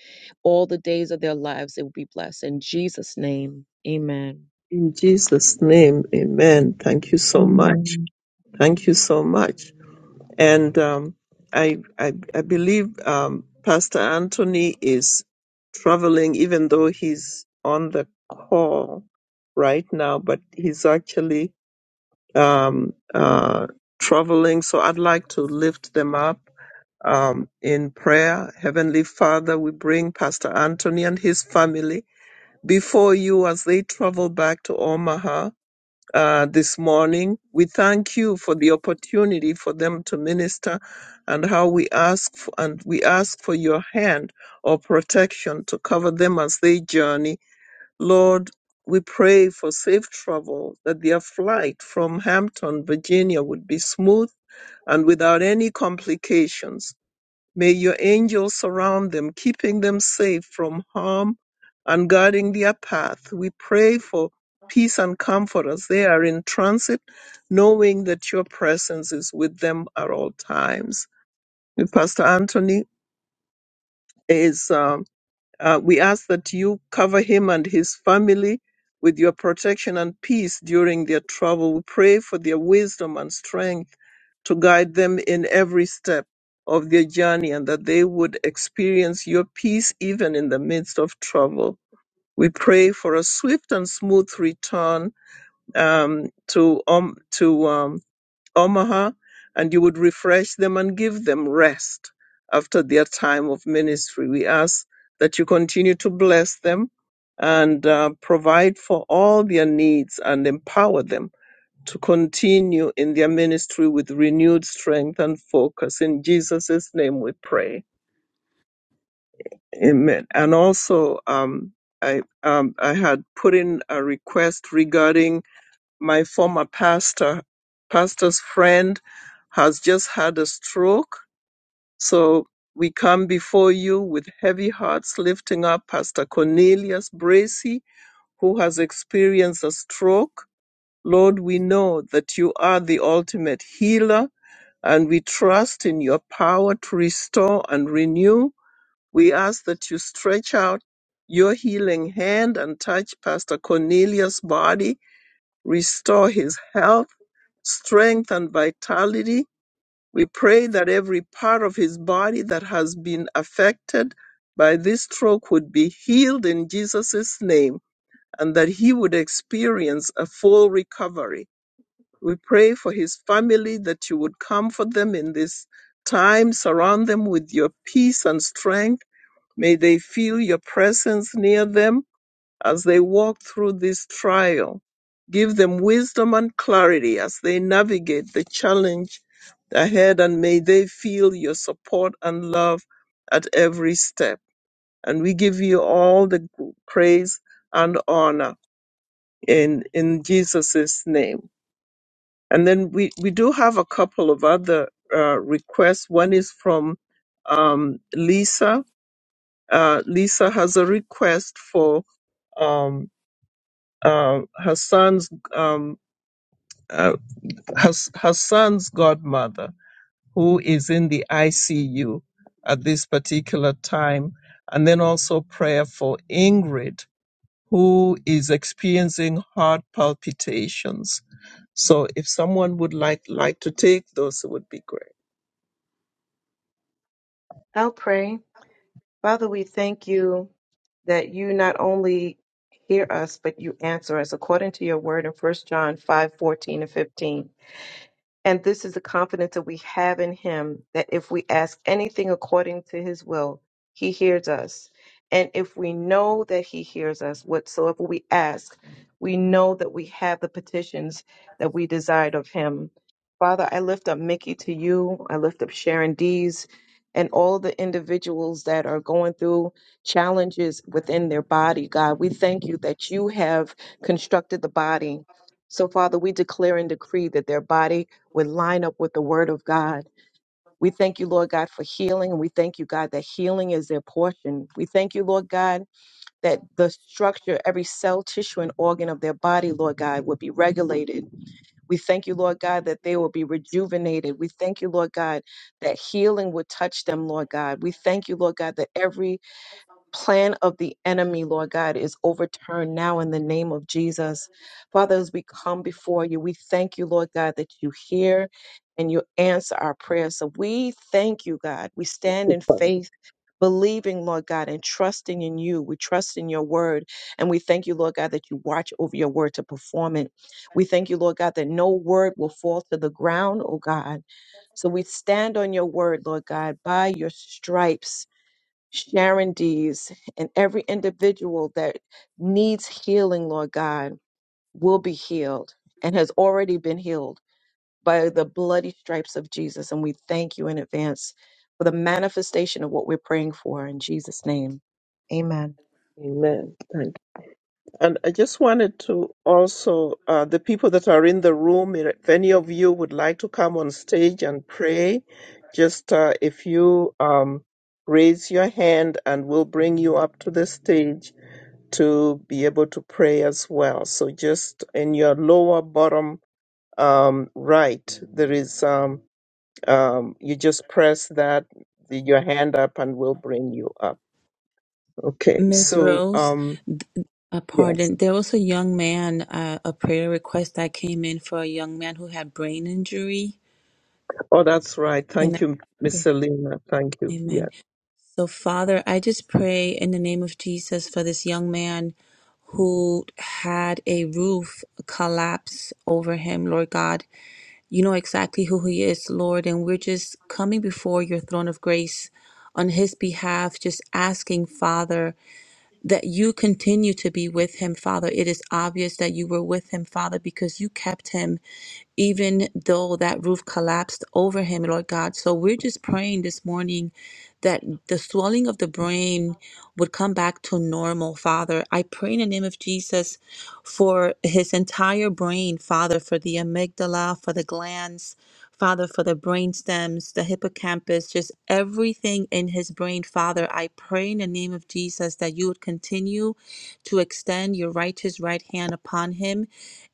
S11: All the days of their lives, they will be blessed. In Jesus' name, amen.
S2: In Jesus' name, amen. Thank you so much.
S1: Amen.
S2: Thank you so much. And um, I, I, I believe um, Pastor Anthony is traveling, even though he's on the call right now, but he's actually um, uh, traveling. So I'd like to lift them up. Um, in prayer, Heavenly Father, we bring Pastor Anthony and his family before you as they travel back to Omaha uh, this morning. We thank you for the opportunity for them to minister and how we ask for, and we ask for your hand or protection to cover them as they journey. Lord, we pray for safe travel that their flight from Hampton, Virginia would be smooth and without any complications. May your angels surround them, keeping them safe from harm and guarding their path. We pray for peace and comfort as they are in transit, knowing that your presence is with them at all times. Pastor Anthony is. um, uh, we ask that you cover him and his family with your protection and peace during their travel. We pray for their wisdom and strength to guide them in every step of their journey and that they would experience your peace even in the midst of trouble. We pray for a swift and smooth return um, to um, to um, Omaha, and you would refresh them and give them rest after their time of ministry. We ask that you continue to bless them and uh, provide for all their needs and empower them to continue in their ministry with renewed strength and focus. In Jesus' name we pray. Amen. And also, um, I, um, I had put in a request regarding my former pastor, pastor's friend, has just had a stroke. So we come before you with heavy hearts, lifting up Pastor Cornelius Bracy, who has experienced a stroke. Lord, we know that you are the ultimate healer, and we trust in your power to restore and renew. We ask that you stretch out your healing hand and touch Pastor Cornelius' body, restore his health strength and vitality. We pray that every part of his body that has been affected by this stroke would be healed in Jesus' name and that he would experience a full recovery. We pray for his family that you would comfort them in this time, surround them with your peace and strength. May they feel your presence near them as they walk through this trial. Give them wisdom and clarity as they navigate the challenge ahead, and may they feel your support and love at every step. And we give you all the g- praise and honor in, in Jesus' name. And then we, we do have a couple of other uh, requests. One is from um, Lisa. Uh, Lisa has a request for. um, uh, her son's um, uh, her, her son's godmother, who is in the ICU at this particular time, and then also prayer for Ingrid, who is experiencing heart palpitations. So, if someone would like like to take those, it would be great.
S11: I'll pray. Father, we thank you that you not only hear us, but you answer us according to your word in First John 5 14 and 15. And this is the confidence that we have in him that if we ask anything according to his will, he hears us. And if we know that he hears us, whatsoever we ask, we know that we have the petitions that we desired of him. Father, I lift up Mickey to you. I lift up Sharon Dees and all the individuals that are going through challenges within their body. God, we thank you that you have constructed the body. So, Father, we declare and decree that their body would line up with the word of God. We thank you, Lord God, for healing. And we thank you, God, that healing is their portion. We thank you, Lord God, that the structure, every cell, tissue, and organ of their body, Lord God, would be regulated. We thank you, Lord God, that they will be rejuvenated. We thank you, Lord God, that healing would touch them, Lord God. We thank you, Lord God, that every plan of the enemy, Lord God, is overturned now in the name of Jesus. Father, as we come before you, we thank you, Lord God, that you hear and you answer our prayers. So we thank you, God. We stand in faith. Believing, Lord God, and trusting in you. We trust in your word. And we thank you, Lord God, that you watch over your word to perform it. We thank you, Lord God, that no word will fall to the ground, oh God. So we stand on your word, Lord God, by your stripes. Sharon Dees, and every individual that needs healing, Lord God, will be healed and has already been healed by the bloody stripes of Jesus. And we thank you in advance for the manifestation of what we're praying for in Jesus' name. Amen.
S2: Amen. Thank And I just wanted to also, uh, the people that are in the room, if any of you would like to come on stage and pray, just uh, if you um, raise your hand and we'll bring you up to the stage to be able to pray as well. So just in your lower bottom um, right, there is, um, um, you just press that, the, your hand up, and we'll bring you up. Okay,
S3: Miss
S2: so
S3: Rose,
S2: um,
S3: th- uh,
S2: yes.
S3: pardon, there was a young man, uh, a prayer request that came in for a young man who had brain injury.
S2: Oh, that's right.
S3: Can I
S2: Thank you, Miss
S3: pray?
S2: Selena. Thank you.
S3: Amen.
S2: Yeah.
S3: So, Father, I just pray in the name of Jesus for this young man who had a roof collapse over him, Lord God. You know exactly who he is, Lord, and we're just coming before your throne of grace on his behalf, just asking, Father. that you continue to be with him, Father. It is obvious that you were with him, Father, because you kept him even though that roof collapsed over him, Lord God. So we're just praying this morning that the swelling of the brain would come back to normal, Father. I pray in the name of Jesus for his entire brain, Father, for the amygdala, for the glands. Father, for the brain stems, the hippocampus, just everything in his brain, Father, I pray in the name of Jesus that you would continue to extend your righteous right hand upon him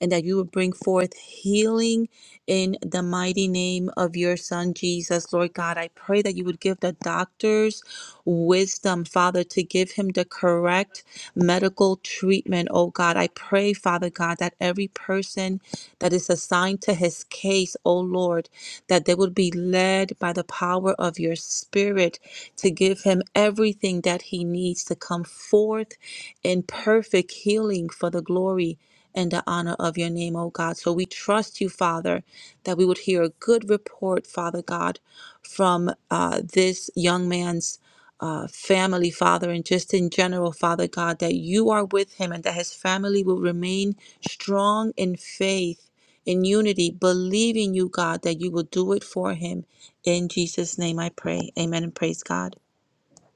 S3: and that you would bring forth healing in the mighty name of your Son, Jesus. Lord God, I pray that you would give the doctors wisdom, Father, to give him the correct medical treatment, oh God. I pray, Father God, that every person that is assigned to his case, oh Lord, that they would be led by the power of your spirit to give him everything that he needs to come forth in perfect healing for the glory and the honor of your name, O God. So we trust you, Father, that we would hear a good report, Father God, from uh, this young man's uh, family, Father, and just in general, Father God, that you are with him and that his family will remain strong in faith in unity, believing you, God, that you will do it for him. In Jesus' name I pray. Amen and praise God.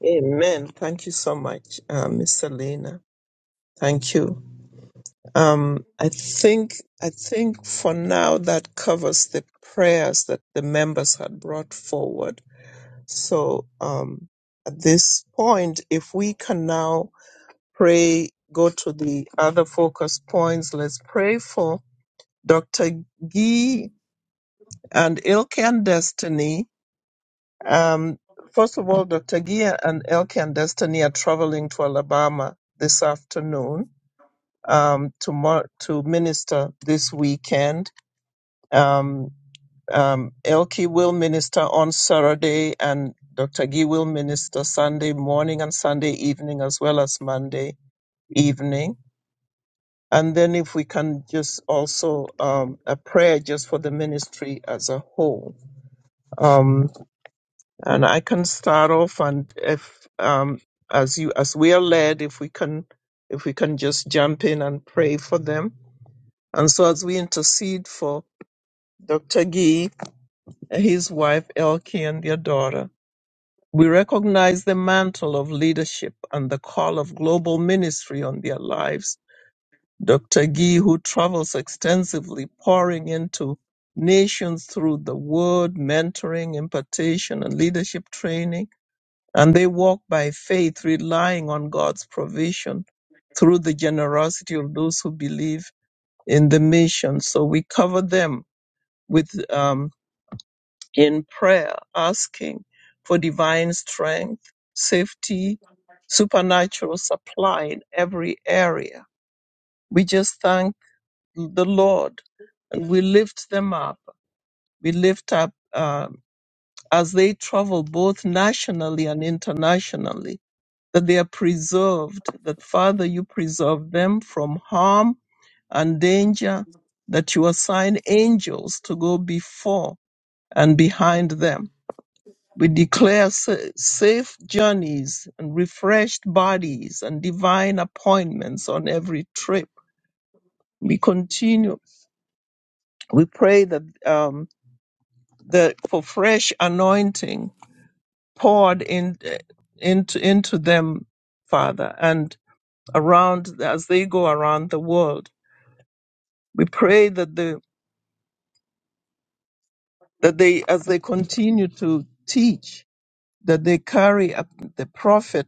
S2: Amen. Thank you so much, uh, Miss Selena. Thank you. Um, I think I think for now that covers the prayers that the members had brought forward. So um, at this point, if we can now pray, go to the other focus points. Let's pray for Dr. Gee and Ilke and Destiny Um, first of all, Dr. Gia and Elke and Destiny are traveling to Alabama this afternoon um, to, mar- to minister this weekend. Um, um, Elke will minister on Saturday, and Dr. Gia will minister Sunday morning and Sunday evening, as well as Monday evening. And then, if we can just also um, a prayer just for the ministry as a whole. Um, And I can start off and if um as you as we are led, if we can if we can just jump in and pray for them. And so as we intercede for Dr. Gee, his wife Elke and their daughter, we recognize the mantle of leadership and the call of global ministry on their lives. Dr. Gee, who travels extensively pouring into nations through the word, mentoring, impartation, and leadership training and they walk by faith, relying on God's provision through the generosity of those who believe in the mission. So we cover them with um, in prayer, asking for divine strength, safety, supernatural supply in every area. We just thank the Lord and we lift them up. We lift up. um as they travel both nationally and internationally, that they are preserved, that Father, you preserve them from harm and danger, that you assign angels to go before and behind them. We declare sa- safe journeys and refreshed bodies and divine appointments on every trip. We continue. We pray that um, that for fresh anointing poured in, into into them, Father, and around as they go around the world. We pray that the that they as they continue to teach that they carry up the prophet.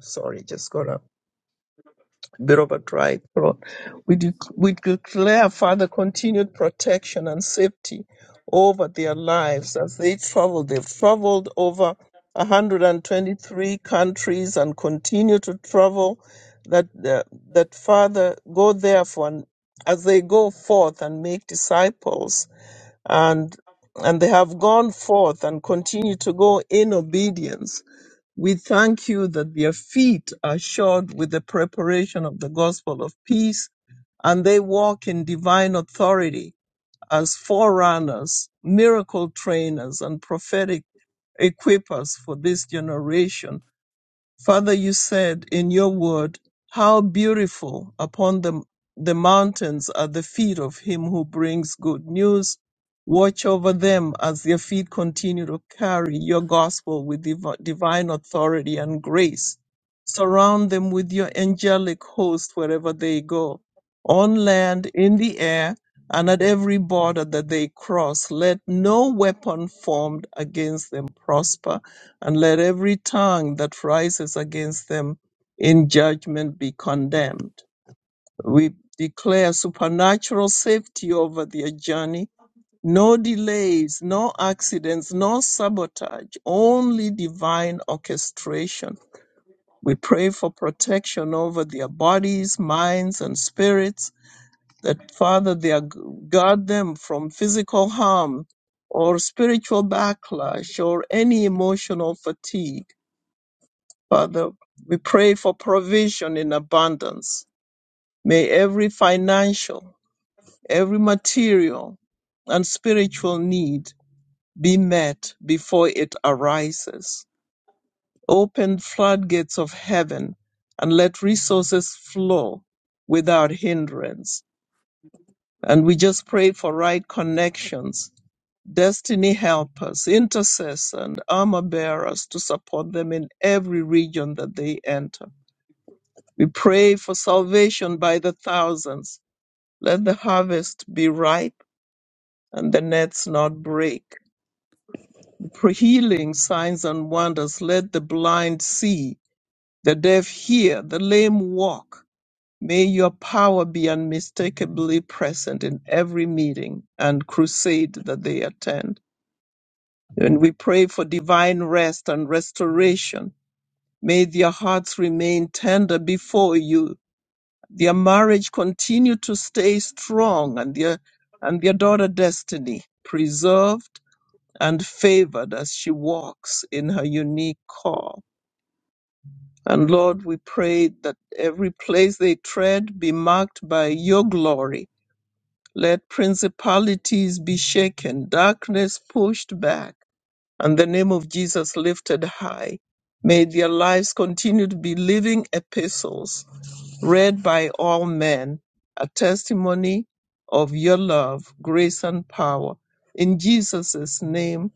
S2: Sorry, just got up. bit of a dry throat. We, de- we declare, Father, continued protection and safety over their lives as they travel. They've traveled over 123 countries and continue to travel. That, uh, that Father, go therefore and as they go forth and make disciples and and they have gone forth and continue to go in obedience we thank you that their feet are shod with the preparation of the gospel of peace, and they walk in divine authority as forerunners, miracle trainers, and prophetic equippers for this generation. Father, you said in your word, How beautiful upon the, the mountains are the feet of him who brings good news. Watch over them as their feet continue to carry your gospel with div- divine authority and grace. Surround them with your angelic host wherever they go, on land, in the air, and at every border that they cross. Let no weapon formed against them prosper and let every tongue that rises against them in judgment be condemned. We declare supernatural safety over their journey. No delays, no accidents, no sabotage, only divine orchestration. We pray for protection over their bodies, minds, and spirits, that Father, they are- guard them from physical harm or spiritual backlash or any emotional fatigue Father, we pray for provision in abundance. May every financial, every material, and spiritual need be met before it arises. Open floodgates of heaven and let resources flow without hindrance. And we just pray for right connections, destiny helpers, intercessors, and armor bearers to support them in every region that they enter. We pray for salvation by the thousands. Let the harvest be ripe and the nets not break. For healing, signs, and wonders, let the blind see, the deaf hear, the lame walk. May your power be unmistakably present in every meeting and crusade that they attend. And we pray for divine rest and restoration. May their hearts remain tender before you Their marriage continued to stay strong and their and their daughter Destiny preserved and favored as she walks in her unique call. And Lord, we pray that every place they tread be marked by your glory. Let principalities be shaken, darkness pushed back and the name of Jesus lifted high. May their lives continue to be living epistles read by all men, a testimony of your love, grace, and power. In Jesus' name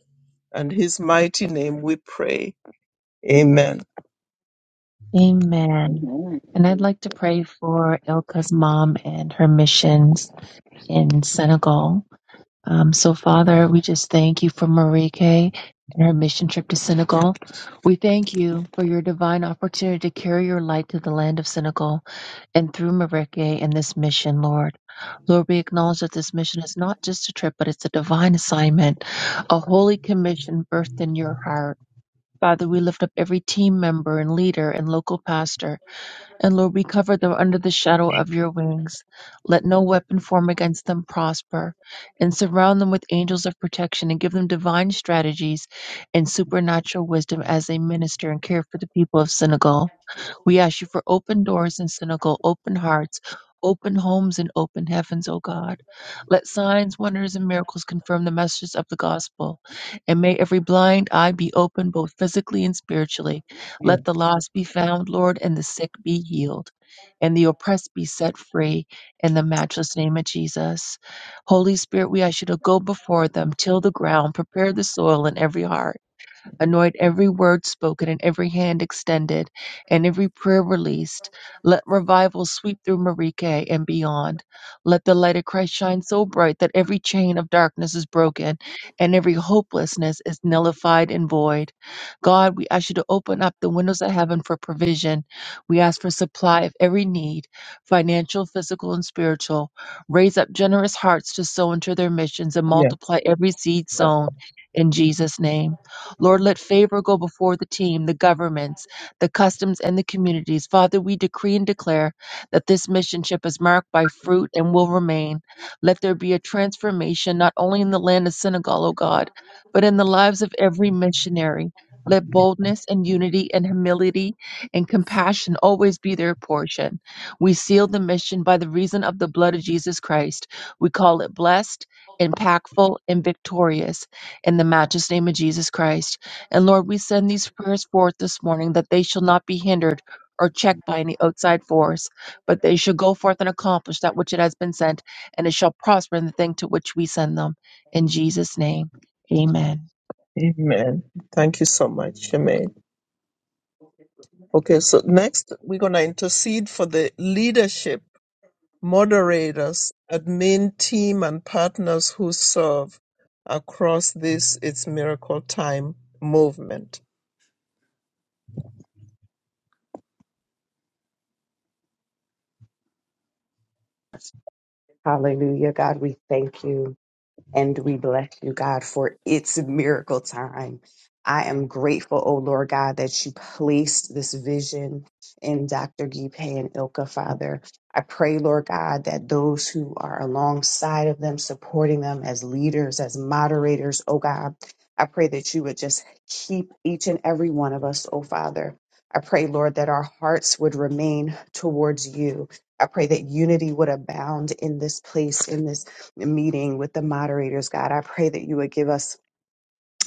S2: and his mighty name we pray. Amen.
S1: Amen.
S9: Amen.
S1: And I'd
S9: Praise
S1: like to pray for Ilka's mom and her missions in Senegal. Um, so, Father, we just thank you for Marieke and her mission trip to Senegal. We thank you for your divine opportunity to carry your light to the land of Senegal and through Marieke and this mission, Lord. Lord, we acknowledge that this mission is not just a trip, but it's a divine assignment, a holy commission birthed in your heart. Father, we lift up every team member and leader and local pastor, and Lord, we cover them under the shadow of your wings. Let no weapon form against them prosper, and surround them with angels of protection and give them divine strategies and supernatural wisdom as they minister and care for the people of Senegal. We ask you for open doors in Senegal, open hearts, open homes, and open heavens, O God. Let signs, wonders, and miracles confirm the messages of the gospel. And may every blind eye be opened, both physically and spiritually.
S2: Yeah,
S1: Let the lost be found, Lord, and the sick be healed, and the oppressed be set free in the matchless name of Jesus. Holy Spirit, we ask you to go before them, till the ground, prepare the soil in every heart Anoint every word spoken and every hand extended and every prayer released. Let revival sweep through Marike and beyond. Let the light of Christ shine so bright that every chain of darkness is broken and every hopelessness is nullified and void. God, we ask you to open up the windows of heaven for provision. We ask for supply of every need, financial, physical, and spiritual. Raise up generous hearts to sow into their missions and
S2: yeah.
S1: multiply every seed sown in Jesus' name. Lord, let favor go before the team, the governments, the customs, and the communities. Father, we decree and declare that this mission trip is marked by fruit and will remain. Let there be a transformation not only in the land of Senegal, O God, but in the lives of every missionary. Let boldness and unity and humility and compassion always be their portion. We seal the mission by the reason of the blood of Jesus Christ. We call it blessed, impactful, and victorious in the matchless name of Jesus Christ. And Lord, we send these prayers forth this morning that they shall not be hindered or checked by any outside force, but they shall go forth and accomplish that which it has been sent, and it shall prosper in the thing to which we send them. In Jesus' name, amen.
S2: Amen. Thank you so much, Amen. Okay, so next we're going to intercede for the leadership Moderators, admin team and partners who serve across this It's Miracle Time movement.
S8: Hallelujah. God, we thank you. and we bless you, God, for its miracle time. I am grateful, oh Lord God, that you placed this vision in Dr. Gipe and Ilka, Father. I pray, Lord God, that those who are alongside of them, supporting them as leaders, as moderators, oh God, I pray that you would just keep each and every one of us, oh Father. I pray, Lord, that our hearts would remain towards you. I pray that unity would abound in this place, in this meeting with the moderators, God. I pray that you would give us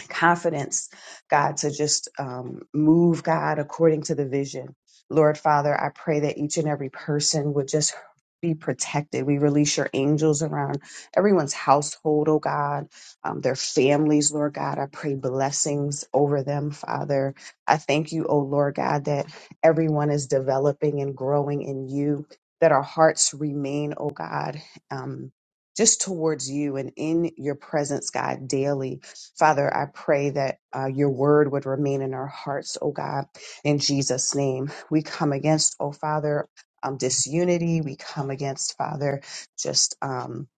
S8: confidence, God, to just um, move, God, according to the vision. Lord Father, I pray that each and every person would just be protected. We release your angels around everyone's household, oh God, um, their families, Lord God. I pray blessings over them, Father. I thank you, oh Lord God, that everyone is developing and growing in you, that our hearts remain, oh God, um, just towards you and in your presence, God, daily Father, I pray that uh, your word would remain in our hearts, oh God, in Jesus' name. We come against, oh Father, um, disunity. We come against, Father, just um,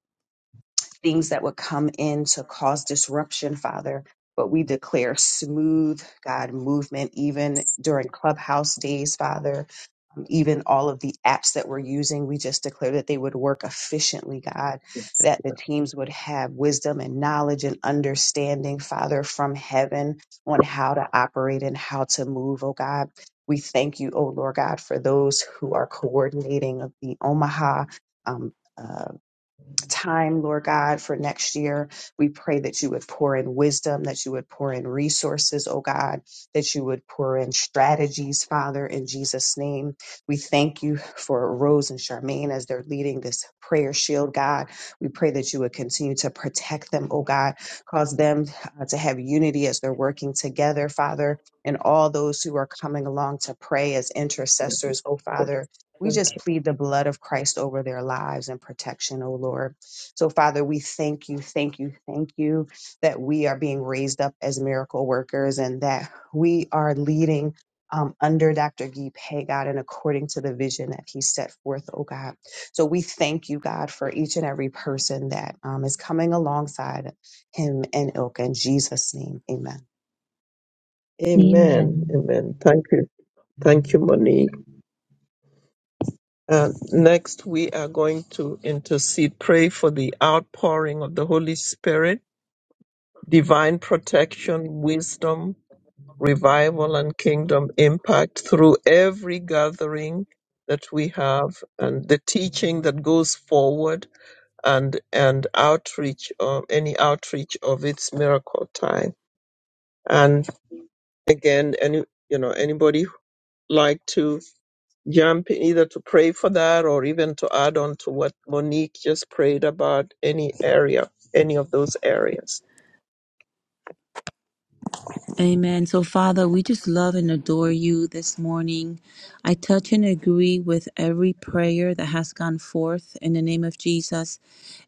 S8: things that would come in to cause disruption, Father. But we declare smooth, God, movement, even during clubhouse days, Father even all of the apps that we're using, we just declare that they would work efficiently, God, that the teams would have wisdom and knowledge and understanding, Father, from heaven on how to operate and how to move, oh God. We thank you, oh Lord God, for those who are coordinating of the Omaha. Um, uh, time, Lord God, for next year. We pray that you would pour in wisdom, that you would pour in resources, oh God, that you would pour in strategies, Father, in Jesus' name. We thank you for Rose and Charmaine as they're leading this prayer shield, God. We pray that you would continue to protect them, oh God, cause them uh, to have unity as they're working together, Father, and all those who are coming along to pray as intercessors, oh Father. We
S2: Thank
S8: just plead the blood of Christ over their lives and protection, O Lord. So, Father, we thank you, thank you, thank you that we are being raised up as miracle workers and that we are leading um, under Dr. Guy Pei, God, and according to the vision that he set forth, oh God. So we thank you, God, for each and every person that um, is coming alongside him and Ilka. In Jesus' name, amen.
S2: Amen.
S1: Amen.
S2: Amen. Thank you. Thank you, Monique. Uh, next, we are going to intercede, pray for the outpouring of the Holy Spirit, divine protection, wisdom, revival, and kingdom impact through every gathering that we have and the teaching that goes forward and and outreach or any outreach of its miracle time. And again, any you know anybody who like to jump in either to pray for that or even to add on to what Monique just prayed about any area, any of those areas.
S3: Amen. So, Father, we just love and adore you this morning. I touch and agree with every prayer that has gone forth in the name of Jesus.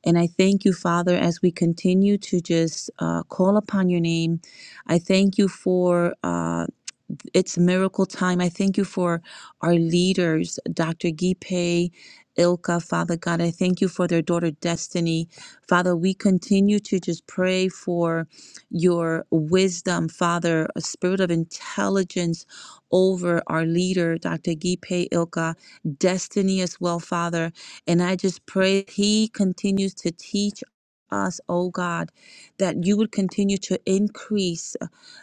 S3: And I thank you, Father, as we continue to just uh, call upon your name. I thank you for. uh, it's miracle time. I thank you for our leaders, Dr. Gipe, Ilka, Father God. I thank you for their daughter Destiny. Father, we continue to just pray for your wisdom, Father, a spirit of intelligence over our leader, Dr. Gipe Ilka, Destiny as well, Father. And I just pray he continues to teach us, oh God, that you would continue to increase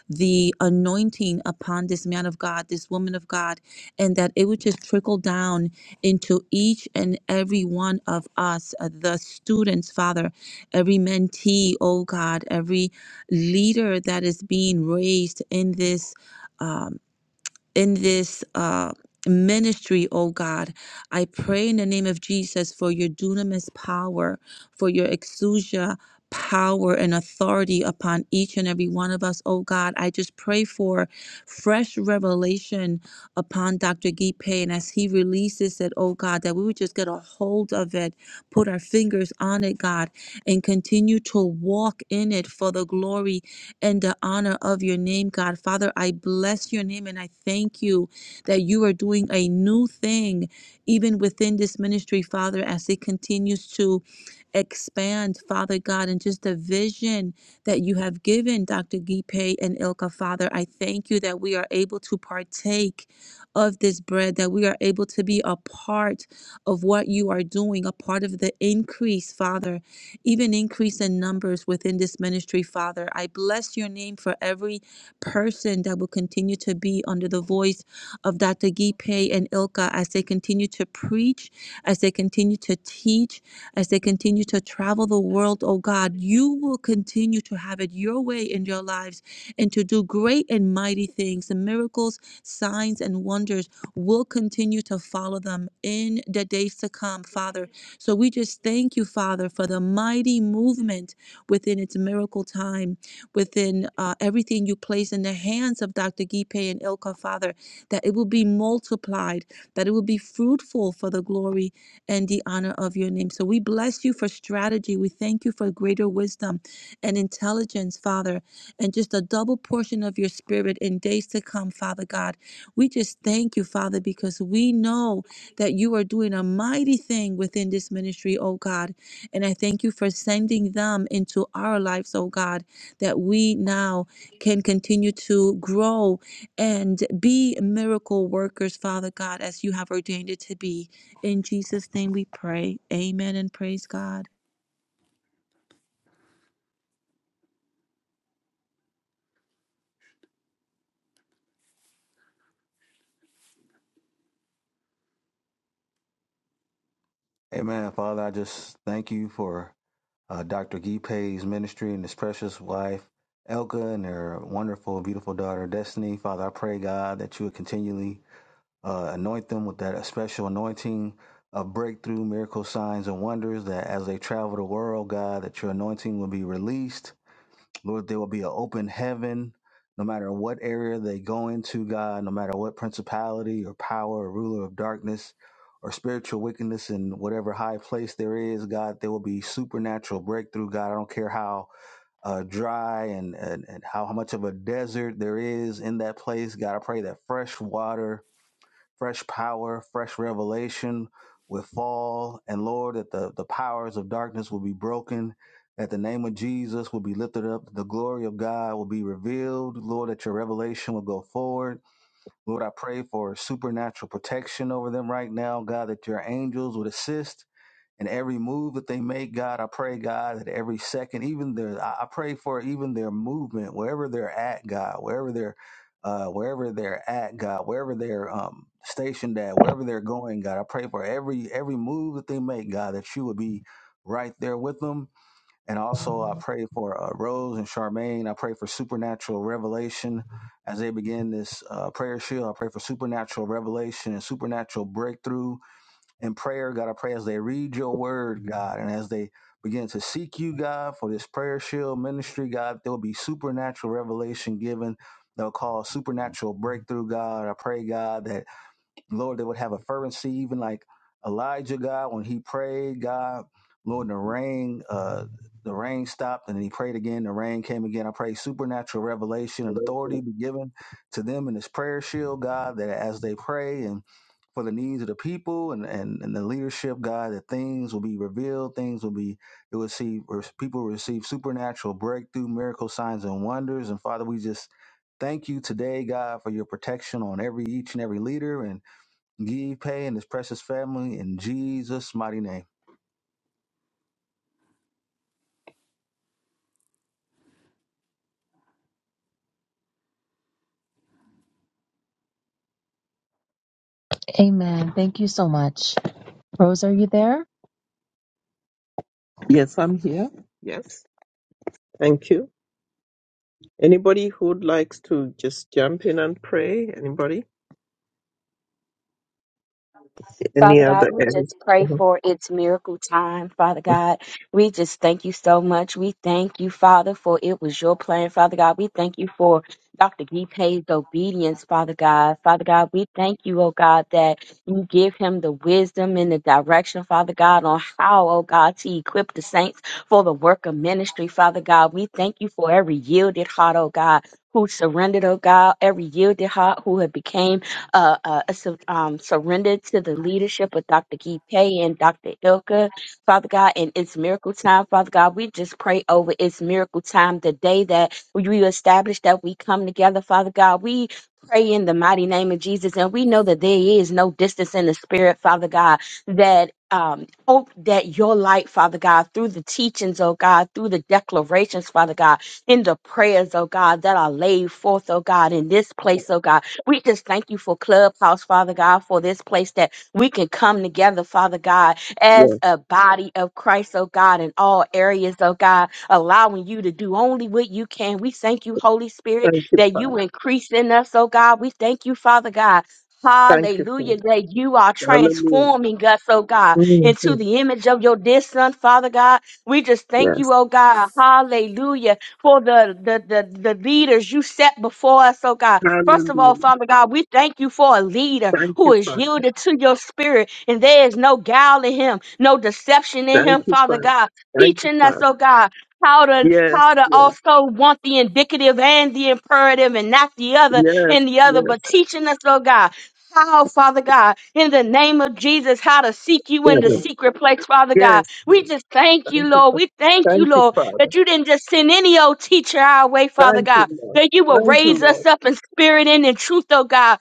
S3: the anointing upon this man of God, this woman of God, and that it would just trickle down into each and every one of us, uh, the students, Father, every mentee, oh God, every leader that is being raised in this. Um, in this uh, ministry, oh God. I pray in the name of Jesus for your dunamis power, for your exousia power and authority upon each and every one of us, oh God. I just pray for fresh revelation upon Dr. Gipe and as he releases it, oh God, that we would just get a hold of it, put our fingers on it, God, and continue to walk in it for the glory and the honor of your name, God. Father, I bless your name and I thank you that you are doing a new thing even within this ministry, Father, as it continues to expand, Father God, and just the vision that you have given Dr. Gipe and Ilka, Father. I thank you that we are able to partake of this bread, that we are able to be a part of what you are doing, a part of the increase, Father even increase in numbers within this ministry, Father. I bless your name for every person that will continue to be under the voice of Dr. Gipe and Ilka as they continue to preach, as they continue to teach, as they continue to travel the world, oh God. You will continue to have it your way in your lives and to do great and mighty things. The miracles, signs, and wonders will continue to follow them in the days to come, Father. So we just thank you, Father, for the mighty movement within its miracle time, within uh, everything you place in the hands of Dr. Gipe and Ilka, Father, that it will be multiplied, that it will be fruitful for the glory and the honor of your name. So we bless you for strategy. We thank you for greater wisdom and intelligence, Father, and just a double portion of your spirit in days to come, Father God. We just thank you, Father, because we know that you are doing a mighty thing within this ministry, oh God. And I thank you for sending them into our lives, oh God, that we now can continue to grow and be miracle workers, Father God, as you have ordained it to be. In Jesus' name we pray. Amen and praise God.
S12: Amen. Father, I just thank you for uh, Dr. Gipe's ministry and his precious wife, Elka, and their wonderful, beautiful daughter, Destiny. Father, I pray, God, that you would continually uh, anoint them with that special anointing of breakthrough, miracle signs, and wonders, that as they travel the world, God, that your anointing will be released Lord, there will be an open heaven no matter what area they go into, God, no matter what principality or power or ruler of darkness or spiritual wickedness in whatever high place there is, God, there will be supernatural breakthrough, God. I don't care how uh, dry and, and, and how, how much of a desert there is in that place, God. I pray that fresh water fresh power, fresh revelation with fall. And Lord, that the, the powers of darkness will be broken, that the name of Jesus will be lifted up, that the glory of God will be revealed. Lord, that your revelation will go forward. Lord, I pray for supernatural protection over them right now. God, that your angels would assist and every move that they make, God, I pray, God, that every second, even their, I I pray for even their movement, wherever they're at, God, wherever they're, uh, wherever they're at, God, wherever they're um, stationed at, wherever they're going, God, I pray for every every move that they make, God, that you would be right there with them. And also, I pray for uh, Rose and Charmaine. I pray for supernatural revelation. As they begin this uh, prayer shield, I pray for supernatural revelation and supernatural breakthrough in prayer, God. I pray as they read your word, God, and as they begin to seek you, God, for this prayer shield ministry, God, there will be supernatural revelation given. They'll call supernatural breakthrough, God. I pray, God, that Lord, they would have a fervency, even like Elijah, God, when he prayed, God, Lord, the rain, uh, the rain stopped and then he prayed again. The rain came again. I pray supernatural revelation and authority be given to them in this prayer shield, God, that as they pray and for the needs of the people and, and, and the leadership, God, that things will be revealed, things will be, it will see, or people will receive supernatural breakthrough, miracle signs and wonders. And Father, we just thank you today, God, for your protection on every, each and every leader. And Give Pay and his precious family in Jesus' mighty name.
S1: Amen. Thank you so much. Rose, are you there?
S2: Yes, I'm here. Yes, thank you. Anybody who'd likes to just jump in and pray? Anybody? Any
S10: Father God,
S2: other
S10: we
S2: area?
S10: just pray
S2: Uh-huh.
S10: for its miracle time, Father God. We just thank you so much. We thank you, Father, for it was your plan, Father God. We thank you for Dr. Gipe's obedience, Father God. Father God, we thank you, oh God, that you give him the wisdom and the direction, Father God, on how, oh God, to equip the saints for the work of ministry, Father God. We thank you for every yielded heart, oh God. Who surrendered, oh God, every yielded heart who had became uh, uh, su- um, surrendered to the leadership of Dr. Guy Pay and Dr. Ilka, Father God, and it's miracle time, Father God. We just pray over it's miracle time the day that we establish that we come together, Father God. We pray in the mighty name of Jesus, and we know that there is no distance in the spirit, Father God, that um, hope that your light, Father God, through the teachings, oh God, through the declarations, Father God, in the prayers, oh God, that are laid forth, oh God, in this place, oh God. We just thank you for Clubhouse, Father God, for this place that we can come together, Father God, as
S2: Yes.
S10: a body of Christ, oh God, in all areas, oh God, allowing you to do only what you can. We thank you, Holy Spirit,
S2: Thank you,
S10: that you
S2: Father.
S10: increase in us, oh God. We thank you, Father God.
S2: Thank you,
S10: Hallelujah,
S2: Father.
S10: that you are
S2: Hallelujah.
S10: transforming us, oh God,
S2: hmm
S10: into the image of your dear son, Father God. We just thank
S2: Yes.
S10: you, oh God. Hallelujah, for the, the, the, the leaders you set before us, oh God. First of all,
S2: Hallelujah.
S10: Father God, we thank you for a leader
S2: Thank
S10: who
S2: you,
S10: is
S2: Father.
S10: yielded to your spirit, and there is no guile in him, no deception in
S2: Thank
S10: him,
S2: you,
S10: Father
S2: Father.
S10: God,
S2: Thank you,
S10: teaching us, oh
S2: Father.
S10: God. How to
S2: Yes,
S10: how to
S2: yes,
S10: also want the indicative and the imperative and not the other
S2: yes,
S10: and the other, but
S2: yes,
S10: teaching us, oh God, how, Father God, in the name of Jesus, how to seek you in the
S2: yes,
S9: God.
S10: secret
S9: Thank
S10: place,
S9: you,
S10: Father God.
S2: yes,
S10: We
S2: yes.
S10: just thank you,
S2: Thank you,
S10: Lord.
S2: Father.
S10: We thank you,
S2: Thank you,
S10: Lord, that
S2: Father.
S10: you didn't just send any old teacher our way, Father
S2: Thank
S10: God
S2: you, Lord.
S10: that you will
S2: Thank you,
S10: raise us
S2: Lord.
S10: up in spirit and in truth, oh God.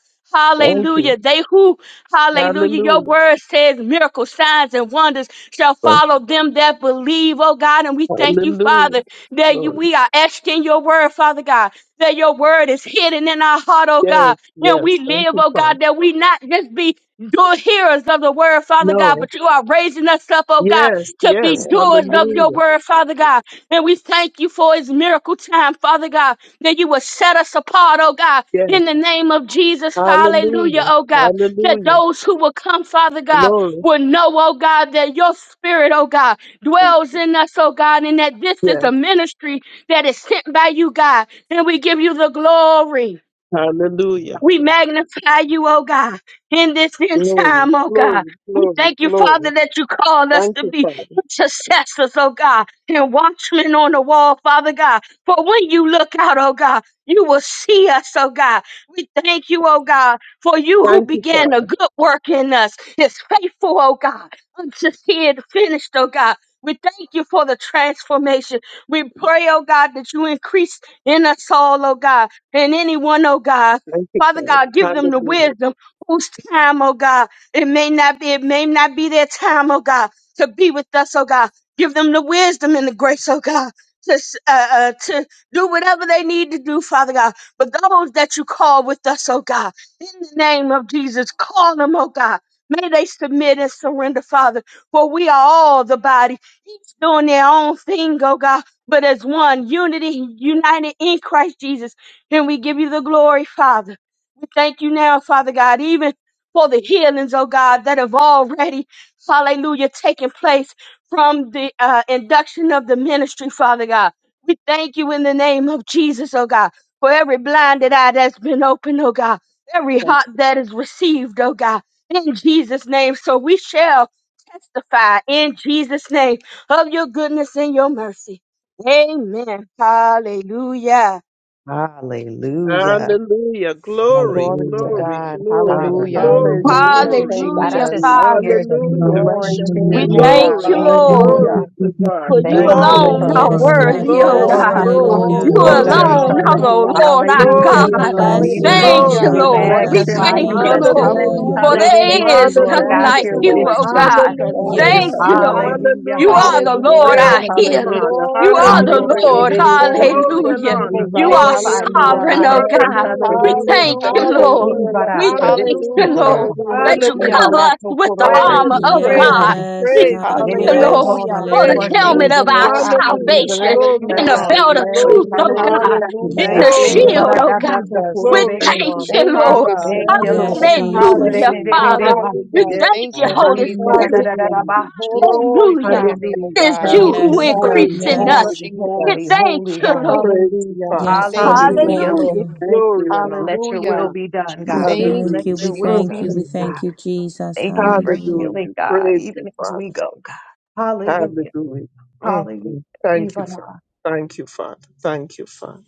S2: Thank
S10: Hallelujah.
S2: you.
S10: They who, hallelujah, your
S2: Hallelujah.
S10: word says miracles, signs, and wonders shall
S2: Right.
S10: follow them that believe, oh God. And we thank you,
S2: Hallelujah.
S10: Father, that you,
S2: Glory.
S10: we are asking your word, Father God, that your word is hidden in our heart, oh
S2: Yes,
S10: God. And we
S2: yes. Thank
S10: live,
S2: you,
S10: oh
S2: Father.
S10: God, that we not just be doers hearers of the word, Father God,
S2: No.
S10: but you are raising us up, oh God,
S2: Yes,
S10: to be
S2: yes.
S9: Spirit.
S10: doers of your
S2: Hallelujah.
S9: Hallelujah.
S10: word,
S9: Thank
S10: Father
S9: you.
S10: God. And we thank you for his miracle time, Father God that you will set us apart, oh God,
S2: Yes.
S10: in the name of Jesus. Hallelujah,
S2: Hallelujah.
S10: oh God, that
S2: Hallelujah.
S10: those who will come, Father God,
S2: Glory.
S10: will know, oh God, that your spirit, oh God,
S9: Thank you.
S10: dwells in us, oh God, and that this is
S2: Yes.
S10: a ministry that is sent by you, God, and we give you the glory.
S2: Hallelujah.
S10: We magnify you, oh God, in this end
S2: Glory.
S10: time, oh God.
S2: Glory.
S10: We
S2: Glory.
S10: thank you, Father,
S2: Glory.
S10: that you called us
S2: Thank
S10: to
S2: you,
S10: be
S2: Father.
S10: intercessors, oh God, and watchmen on the wall, Father God. For when you look out, oh God, you will see us, oh God. We thank you, oh God, for you who
S2: Thank you,
S10: began a
S2: Father.
S10: good work in us is faithful, oh God, until see it finished, oh God. We thank you for the transformation. We pray, oh God, that you increase in us all, oh God, and anyone, oh God.
S2: Thank you,
S10: Father
S2: Father.
S10: God, give them the
S2: Hallelujah.
S10: wisdom whose time, oh God, it may not be, it may not be their time, oh God, to be with us, oh God. Give them the wisdom and the grace, oh God, to, s- uh, uh, to do whatever they need to do, Father God. But those that you call with us, oh God, in the name of Jesus, call them, oh God. May they submit and surrender, Father, for we are all the body, each doing their own thing, oh God, but as one, unity, united in Christ Jesus. And we give you the glory, Father. We thank you now, Father God, even for the healings, oh God, that have already, hallelujah, taken place from the uh, induction of the ministry, Father God. We thank you in the name of Jesus, oh God, for every blinded eye that's been opened, oh God, every
S9: Thank
S10: heart that is received, oh God, in Jesus' name. So we shall testify in Jesus' name of your goodness and your mercy. Amen. Hallelujah.
S8: Hallelujah.
S2: Hallelujah. Glory.
S11: Glory to
S8: Hallelujah.
S2: Glory.
S11: God.
S9: you,
S2: Glory.
S9: Lord.
S11: Hallelujah.
S2: Glory.
S8: Hallelujah.
S11: Thank
S9: Hallelujah.
S11: you,
S2: Glory.
S9: Thank
S8: God,
S9: you,
S8: I
S10: Hallelujah,
S8: just
S11: Jesus.
S10: Father.
S8: hear
S9: Jesus.
S8: that
S11: We
S2: Hallelujah.
S8: we
S1: Um,
S11: bless
S9: Glory
S11: your
S9: to
S10: We
S9: your
S11: name, oh
S1: hallelujah.
S9: name.
S11: God.
S10: thank you,
S2: Glory,
S8: thank you,
S1: God, we
S8: Lord.
S10: Lord,
S9: Hallelujah.
S11: Hallelujah.
S2: glory
S1: just give
S2: to
S1: you
S2: God,
S10: for
S1: praise
S10: you
S8: Thank
S9: Thank
S1: and
S8: you,
S9: you,
S2: glory
S10: alone
S2: to
S8: Lord,
S9: Father.
S10: are
S3: Yes,
S2: God,
S8: for
S11: Hallelujah.
S1: glory.
S3: God.
S8: this
S10: worthy, oh
S9: Thank
S2: glory,
S3: Yes.
S10: God.
S8: forerunner
S9: you, Lord
S2: glory,
S8: company,
S10: You
S3: Hallelujah.
S8: oh
S11: Glory
S2: glory
S11: to
S2: and
S11: your
S8: God.
S9: Jesus.
S3: Glory.
S10: alone
S11: name,
S1: Hallelujah.
S10: are
S2: honor,
S11: oh
S10: the
S9: Hallelujah.
S10: Lord
S11: God.
S1: And
S10: our
S1: we
S8: Hallelujah.
S1: thank
S2: glory
S3: We
S1: you
S10: God.
S2: and
S1: for your
S9: Thank
S2: honor,
S8: We
S3: bless
S9: you,
S3: your
S1: grace
S8: bless
S10: Thank
S9: Father.
S3: name,
S8: you.
S1: and
S10: you,
S2: glory
S11: Hallelujah.
S1: your
S8: We
S1: favor
S3: God.
S2: and
S1: and
S3: We
S1: your
S11: Thank
S10: Lord.
S2: honor.
S11: you,
S9: Bless
S10: We
S3: bless
S9: your
S3: your
S1: kindness.
S8: magnify you.
S10: thank
S9: name.
S3: name.
S10: you,
S11: Jesus.
S9: Bless
S8: Lord.
S9: your
S1: Thank
S10: Lord,
S1: you for
S9: name.
S2: Hallelujah,
S3: Hallelujah.
S10: for
S8: We
S11: Hallelujah.
S8: thank
S9: Hallelujah.
S10: there
S8: you,
S10: is
S11: Thank
S8: Lord
S10: none
S8: God,
S9: Thank
S10: like
S2: hallelujah,
S8: for
S11: you,
S9: you,
S10: you,
S11: Lord
S9: Lord
S8: this
S10: oh
S9: Jesus.
S8: place.
S10: God.
S11: Jesus.
S9: Thank
S2: hallelujah,
S1: your
S9: you,
S10: Thank
S3: Yes,
S11: Hallelujah.
S10: you,
S9: Father.
S10: Lord.
S3: Lord.
S8: Hallelujah.
S10: You
S2: hallelujah.
S10: are
S1: righteousness
S10: the
S8: Hallelujah.
S10: Lord
S1: and
S11: Hallelujah.
S9: Yes.
S1: your
S10: our
S2: Praise you,
S10: healer.
S8: Hallelujah.
S9: Hallelujah.
S2: Father,
S10: You
S9: Thank
S10: are
S11: Glory,
S9: you,
S10: the
S2: hallelujah.
S11: God.
S1: faith.
S10: Lord.
S9: Jesus. Thank you.
S8: Hallelujah.
S11: Glory to
S2: Glory
S11: your
S2: and
S10: Hallelujah.
S11: name,
S1: Thank
S8: We
S11: O
S2: honor,
S11: God.
S10: You are
S2: glory
S8: magnify
S2: and
S8: you, oh
S11: Hallelujah.
S2: honor,
S10: sovereign,
S8: God, and
S10: oh
S9: Yes,
S8: thank
S10: God.
S8: you for
S2: hallelujah,
S10: We
S8: this,
S9: hallelujah.
S10: thank you,
S9: Thank
S11: Hallelujah.
S9: you.
S10: Lord.
S9: You
S2: hallelujah,
S9: alone,
S8: ibara,
S10: We
S9: Lord
S8: for this
S10: thank you,
S2: hallelujah,
S9: Jesus.
S8: people, oh
S11: Hallelujah.
S10: Lord,
S8: God.
S9: Hallelujah.
S10: that you
S9: Thank
S11: Hallelujah.
S2: hallelujah,
S10: cover
S9: you.
S10: us with the
S8: Ibarakokoro, that
S2: praise
S9: Thank
S10: armor
S8: you've
S2: you,
S9: you.
S10: of
S2: praise
S11: Hallelujah.
S10: God.
S8: chosen.
S2: you,
S3: Yes,
S10: We
S9: Thank
S2: praise
S9: you.
S3: God.
S2: you,
S10: thank
S8: Many
S10: you,
S8: are
S2: praise
S3: Yes.
S10: Lord,
S8: called
S2: you,
S8: and
S11: Hallelujah.
S10: for
S8: few
S10: the
S2: praise
S8: are
S2: you.
S3: Hallelujah.
S10: helmet
S11: Thank
S10: of
S8: chosen,
S11: you,
S8: oh
S10: our
S11: Lord
S8: God, but we
S11: Jesus.
S2: Hallelujah.
S8: bless
S10: salvation
S2: Glory
S8: you,
S10: in
S2: and
S10: the
S8: God,
S9: Bless
S11: Hallelujah.
S9: your
S2: honor,
S10: belt of
S8: for
S10: truth,
S9: name.
S2: glory and
S10: oh
S2: honor,
S8: choosing this
S10: God,
S9: Hallelujah.
S8: truth,
S10: in
S11: Hallelujah.
S9: Thank
S10: the
S3: Yes,
S8: God.
S9: you.
S2: glory
S11: Thank
S3: God.
S2: and
S11: you,
S10: shield, oh
S2: honor,
S10: God.
S11: Jesus.
S10: We
S2: glory
S9: Thank
S2: and
S8: Yebaradadatokorebese.
S10: thank
S9: you.
S2: honor.
S10: you,
S11: Thank
S8: We
S11: you,
S10: Lord.
S11: God.
S8: thank
S2: Hallelujah,
S9: Thank
S8: you,
S9: you,
S8: Lord.
S3: Yes,
S9: Father.
S11: Hallelujah.
S3: Jesus.
S10: Hallelujah,
S2: hallelujah,
S10: Father.
S8: Yekererererebaso.
S10: We
S11: Hallelujah.
S2: hallelujah,
S10: thank
S11: Thank
S9: Yes,
S10: you,
S11: you,
S10: Holy
S11: Jesus.
S9: hallelujah.
S10: Spirit.
S9: Thank
S2: hallelujah,
S9: you, Jesus.
S11: Glorify
S10: Hallelujah.
S8: Oandiyadadadadabahorokocha.
S11: your name, oh
S10: It
S2: hallelujah.
S9: Thank you,
S10: is
S11: God.
S9: God.
S10: you
S8: Holy,
S10: who
S3: Yes,
S9: Thank
S11: Hallelujah.
S3: Lord.
S2: Praise
S10: increase
S8: holy,
S2: you,
S11: Thank
S10: in us.
S11: you,
S2: Father,
S3: Yes.
S8: holy,
S10: We
S8: holy,
S11: Jesus.
S10: thank
S8: holy
S10: you,
S8: God.
S10: Lord.
S2: praise you,
S11: Hallelujah.
S2: Father.
S3: Yes,
S11: Thank
S3: God. We
S11: you,
S2: Hallelujah,
S8: Hallelujah,
S3: thank
S11: Lord.
S8: Lord.
S10: Hallelujah.
S3: you.
S9: you,
S2: glory and
S9: Father.
S2: honor.
S8: Let your will
S9: Thank
S11: Hallelujah.
S8: be done,
S9: you,
S3: We
S8: God.
S11: Thank you,
S3: thank
S8: Let
S3: you.
S2: Hallelujah.
S3: We
S8: your will
S2: Mm,
S3: thank
S8: be
S3: you.
S11: Jesus.
S3: We
S2: mm,
S9: Jesus.
S8: done, God.
S2: mm.
S3: thank you, Jesus.
S8: Thank you for
S3: Hallelujah.
S2: Hallelujah.
S8: healing, God,
S2: Praise you,
S8: even as
S2: Father.
S8: we go. God. Hallelujah.
S2: Hallelujah. Mm, mm. Thank you,
S8: Hallelujah.
S2: Father. Thank you, Father. Thank you, Father.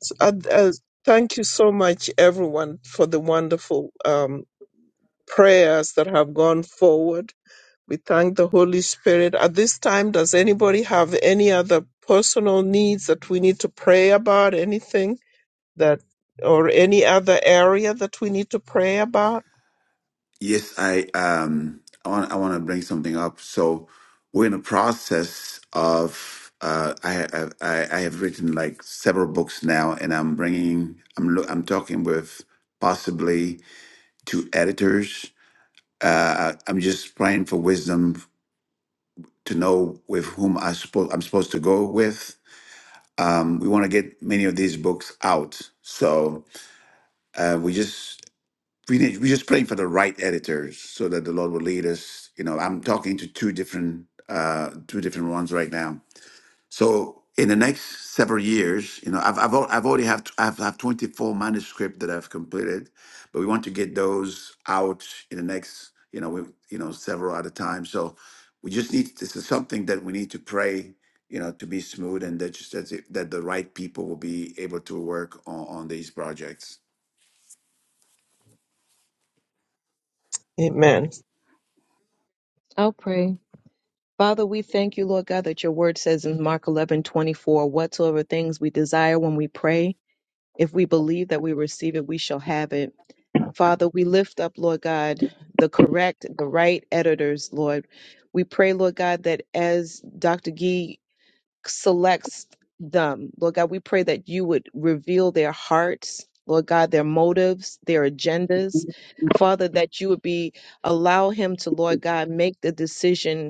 S2: So, uh, uh, thank you so much, everyone, for the wonderful um, prayers that have gone forward. We thank the Holy Spirit. At this time, does anybody have any other personal needs that we need to pray about? Anything? that or any other area that we need to pray about?
S4: Yes, I um I want I want to bring something up. So we're in a process of uh I I I I have written like several books now, and I'm bringing I'm lo- I'm talking with possibly two editors. Uh, I- I'm just praying for wisdom to know with whom I supposed I'm supposed to go with. Um, we want to get many of these books out, so uh, we just we need, we're just praying for the right editors so that the Lord will lead us. You know, I'm talking to two different uh, two different ones right now. So in the next several years, you know, I've I've, al- I've already have I've have 24 manuscript that I've completed, but we want to get those out in the next you know we you know several at a time. So we just need this is something that we need to pray you know to be smooth and that just that, that the right people will be able to work on, on these projects.
S2: Amen.
S11: I'll pray. Father, we thank you, Lord God, that your word says in Mark eleven twenty four, whatsoever things we desire when we pray. If we believe that we receive it, we shall have it. Father, we lift up, Lord God, the correct, the right editors, Lord. We pray, Lord God, that as Dr. Gee selects them, Lord God, we pray that you would reveal their hearts, Lord God, their motives, their agendas. Father, that you would be allow him to, Lord God, make the decision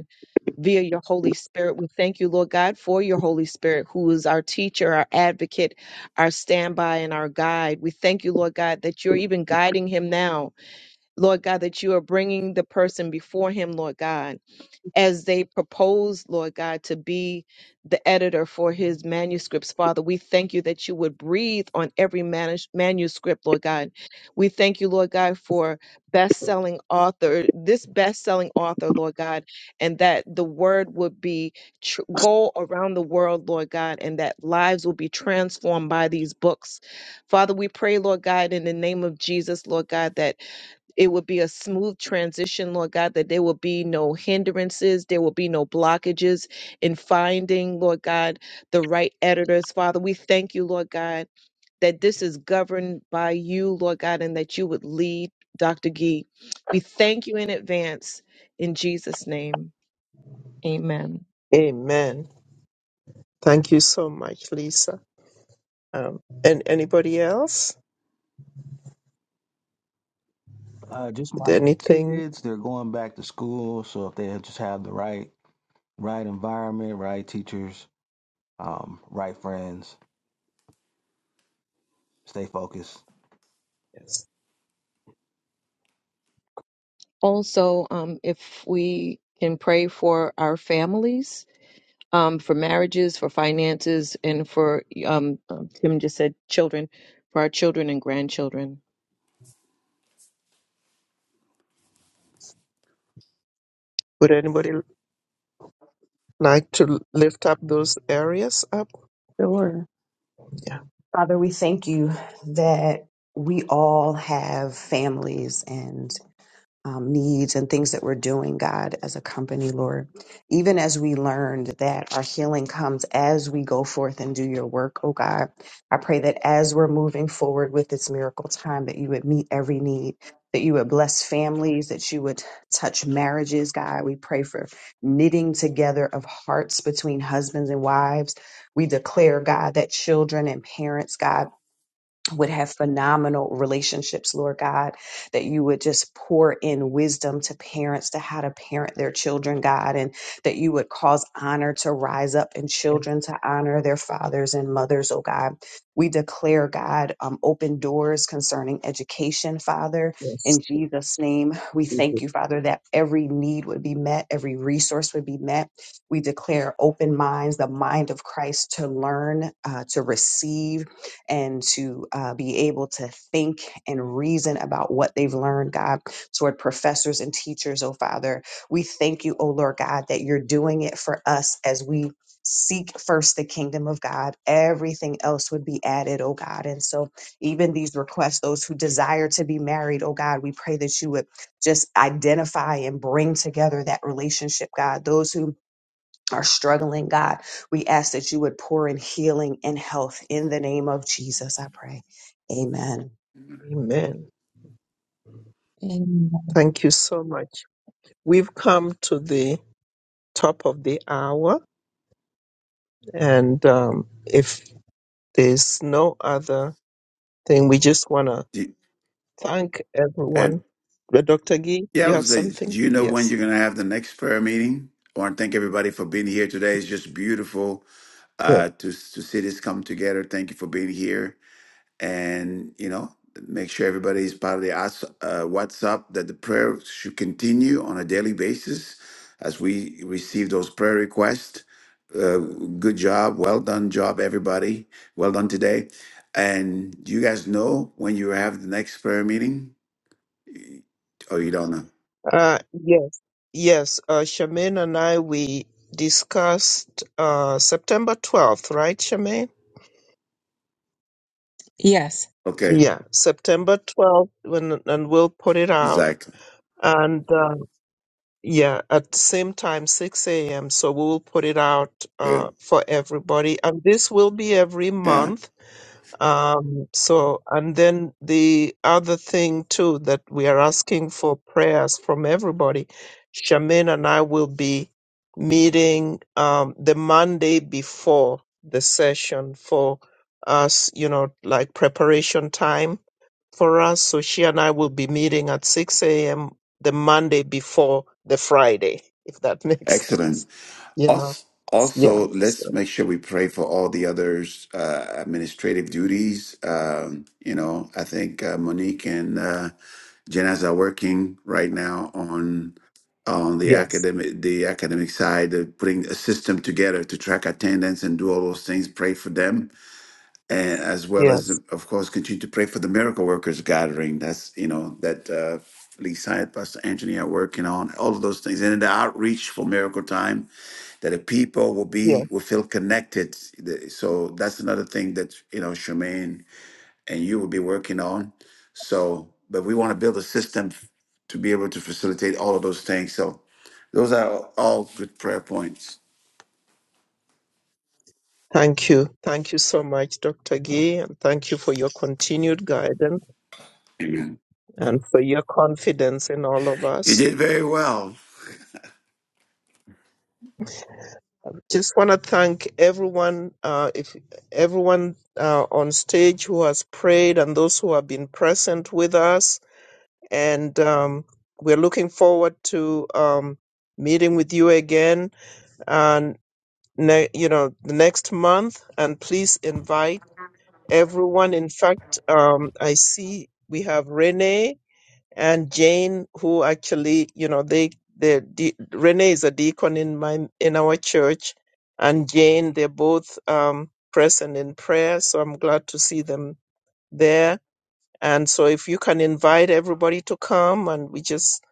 S11: via your Holy Spirit. We thank you, Lord God, for your Holy Spirit, who is our teacher, our advocate, our standby, and our guide. We thank you, Lord God, that you're even guiding him now. Lord God, that you are bringing the person before him, Lord God as they propose, Lord God, to be the editor for his manuscripts, Father. We thank you that you would breathe on every manus- manuscript, Lord God. We thank you, Lord God, for best selling author, this best selling author, Lord God, and that the word would be tr- go around the world, Lord God, and that lives will be transformed by these books. Father, we pray, Lord God, in the name of Jesus, Lord God, that it would be a smooth transition, Lord God, that there will be no hindrances, there will be no blockages in finding, Lord God, the right editors. Father, we thank you, Lord God, that this is governed by you, Lord God, and that you would lead Dr. Gee. We thank you in advance. In Jesus' name, amen.
S2: Amen. Thank you so much, Lisa. Um, and anybody else?
S12: Uh, just my
S2: Did anything?
S12: kids, they're going back to school, so if they just have the right, right environment, right teachers, um, right friends, stay focused.
S2: Yes.
S11: Also, um, if we can pray for our families um, for marriages, for finances, and for um, um, Tim just said children, for our children and grandchildren.
S2: Would anybody like to lift up those areas up?
S8: Sure.
S2: Yeah.
S8: Father, we thank you that we all have families and um, needs and things that we're doing, God, as a company, Lord. Even as we learned that our healing comes as we go forth and do your work, oh God, I pray that as we're moving forward with this miracle time, that you would meet every need, that you would bless families, that you would touch marriages, God. We pray for knitting together of hearts between husbands and wives. We declare, God, that children and parents, God, would have phenomenal relationships, Lord God, that you would just pour in wisdom to parents to how to parent their children, God, and that you would cause honor to rise up in
S2: Yes,
S8: children to honor their fathers and mothers, oh God. We declare, God, um, open doors concerning education, Father.
S2: yes.
S8: In Jesus' name, we
S2: we
S8: thank
S2: do.
S8: you, Father, that every need would be met, every resource would be met. We declare open minds, the mind of Christ to learn, uh, to receive and to uh, be able to think and reason about what they've learned, God, toward professors and teachers, oh Father. We thank you, oh Lord God, that you're doing it for us as we seek first the kingdom of God. Everything else would be added, oh God. And so, even these requests, those who desire to be married, oh God, we pray that you would just identify and bring together that relationship, God. Those who are struggling, God, we ask that you would pour in healing and health in the name of Jesus, I pray. Amen.
S2: Amen.
S1: you, Lord. Amen.
S2: Thank you so much. We've come to the top of the hour, and um, if there's no other thing, we just want to
S4: Do-
S2: Thank
S4: And
S2: everyone. Uh, Dr. Gee,
S4: Yeah, I
S2: you
S4: would
S2: have
S4: say,
S2: something?
S4: do you know when
S2: Yes.
S4: you're going to have the next prayer meeting? Well, I want to thank everybody for being here today. It's just beautiful
S2: Yes.
S4: uh, to to see this come together. Thank you for being here, and you know, make sure everybody is part of the us- uh, WhatsApp. That the prayer should continue on a daily basis as we receive those prayer requests. Uh, good job, well done job, everybody. Well done today. And do you guys know when you have the next prayer meeting, or you don't know?
S2: Uh, yes. Yes. Uh, Charmaine and I, we discussed uh, September 12th, right, Charmaine?
S1: Yes.
S4: Okay.
S2: Yeah. September 12th, when, and we'll put it out.
S4: Exactly.
S2: And uh, yeah, at the same time, 6 a.m. So we'll put it out uh,
S4: Good.
S2: for everybody. And this will be every
S4: Yeah.
S2: month. Um, so, and then the other thing too that we are asking for prayers from everybody. Charmaine and I will be meeting um, the Monday before the session for us, you know, like preparation time for us. So she and I will be meeting at 6 a.m. the Monday before the Friday, if that [laughs] makes sense,
S4: Excellent.
S2: you know.
S4: Also,
S2: Yeah.
S4: also,
S2: So,
S4: let's make sure we pray for all the others' uh, administrative duties. Um, you know, I think uh, Monique and uh, Jenaz are working right now on on the
S2: yes,
S4: academic the academic side, of putting a system together to track attendance and do all those things. Pray for them and as well as
S2: yes,
S4: of course continue to pray for the miracle workers gathering that's you know that uh lee Syatt, pastor anthony are working on all of those things and then the outreach for miracle time that the people will be
S2: yes.
S4: will feel connected The- so that's another thing that you know Charmaine and you will be working on so but we want to build a system to be able to facilitate all of those things so those are all good prayer points
S2: Thank you. Thank you so much, Dr. Gee, and thank you for your continued guidance
S4: amen
S2: and for your confidence in all of
S4: you
S2: us.
S4: did very well
S2: Just want to thank everyone, uh, if everyone uh, on stage who has prayed and those who have been present with us. And um, we're looking forward to um, meeting with you again, and ne- you know, the next month. And please invite everyone. In fact, um, I see we have Renee. and Jane, who actually, you know, they the de- Renee is a deacon in my in our church, and Jane, they're both um, present in prayer. So I'm glad to see them there. And so if you can invite everybody to come, and we just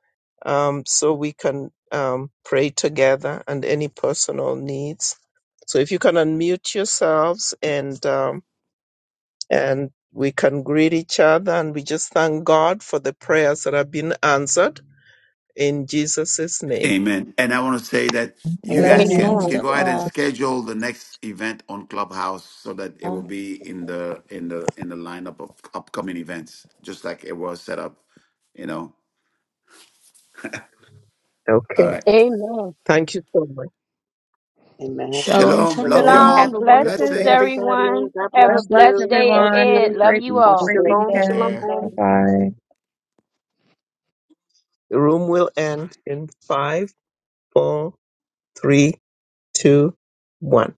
S2: um, so we can um, pray together and any personal needs. So if you can unmute yourselves and um, and we can greet each other, and we just thank God for the prayers that have been answered in Jesus' name.
S4: Amen. And I want to say that you
S1: Amen.
S8: Amen.
S4: guys can you
S3: Blessings
S4: can
S10: Amen.
S3: to
S4: go ahead and
S3: all.
S4: schedule the next event on Clubhouse so that it will be in the in the in the lineup of upcoming events, just like it was set up. You know. All
S2: Okay.
S4: right.
S10: Amen.
S2: Thank you so much.
S8: Amen. Bless
S6: Shalom,
S4: Shalom.
S8: the
S4: Love you
S8: Lord.
S6: shalom.
S11: Have
S10: Shalom.
S11: a
S4: all.
S8: Amen.
S11: wonderful
S10: Blessings,
S11: day,
S4: Blessings.
S11: everybody.
S10: everyone.
S11: God
S10: Have
S1: God
S10: a
S11: bless
S1: bless
S10: blessed
S11: you.
S10: day
S11: Love
S1: everyone. Have
S10: ahead.
S1: a
S11: you.
S10: Love
S1: great
S10: you
S1: week,
S8: Have a
S10: all.
S1: great
S8: great
S11: Shalom,
S4: Take
S1: weekend.
S4: care.
S11: shalom.
S8: day.
S1: Bye bye.
S2: The room will end in five, four, three, two, one.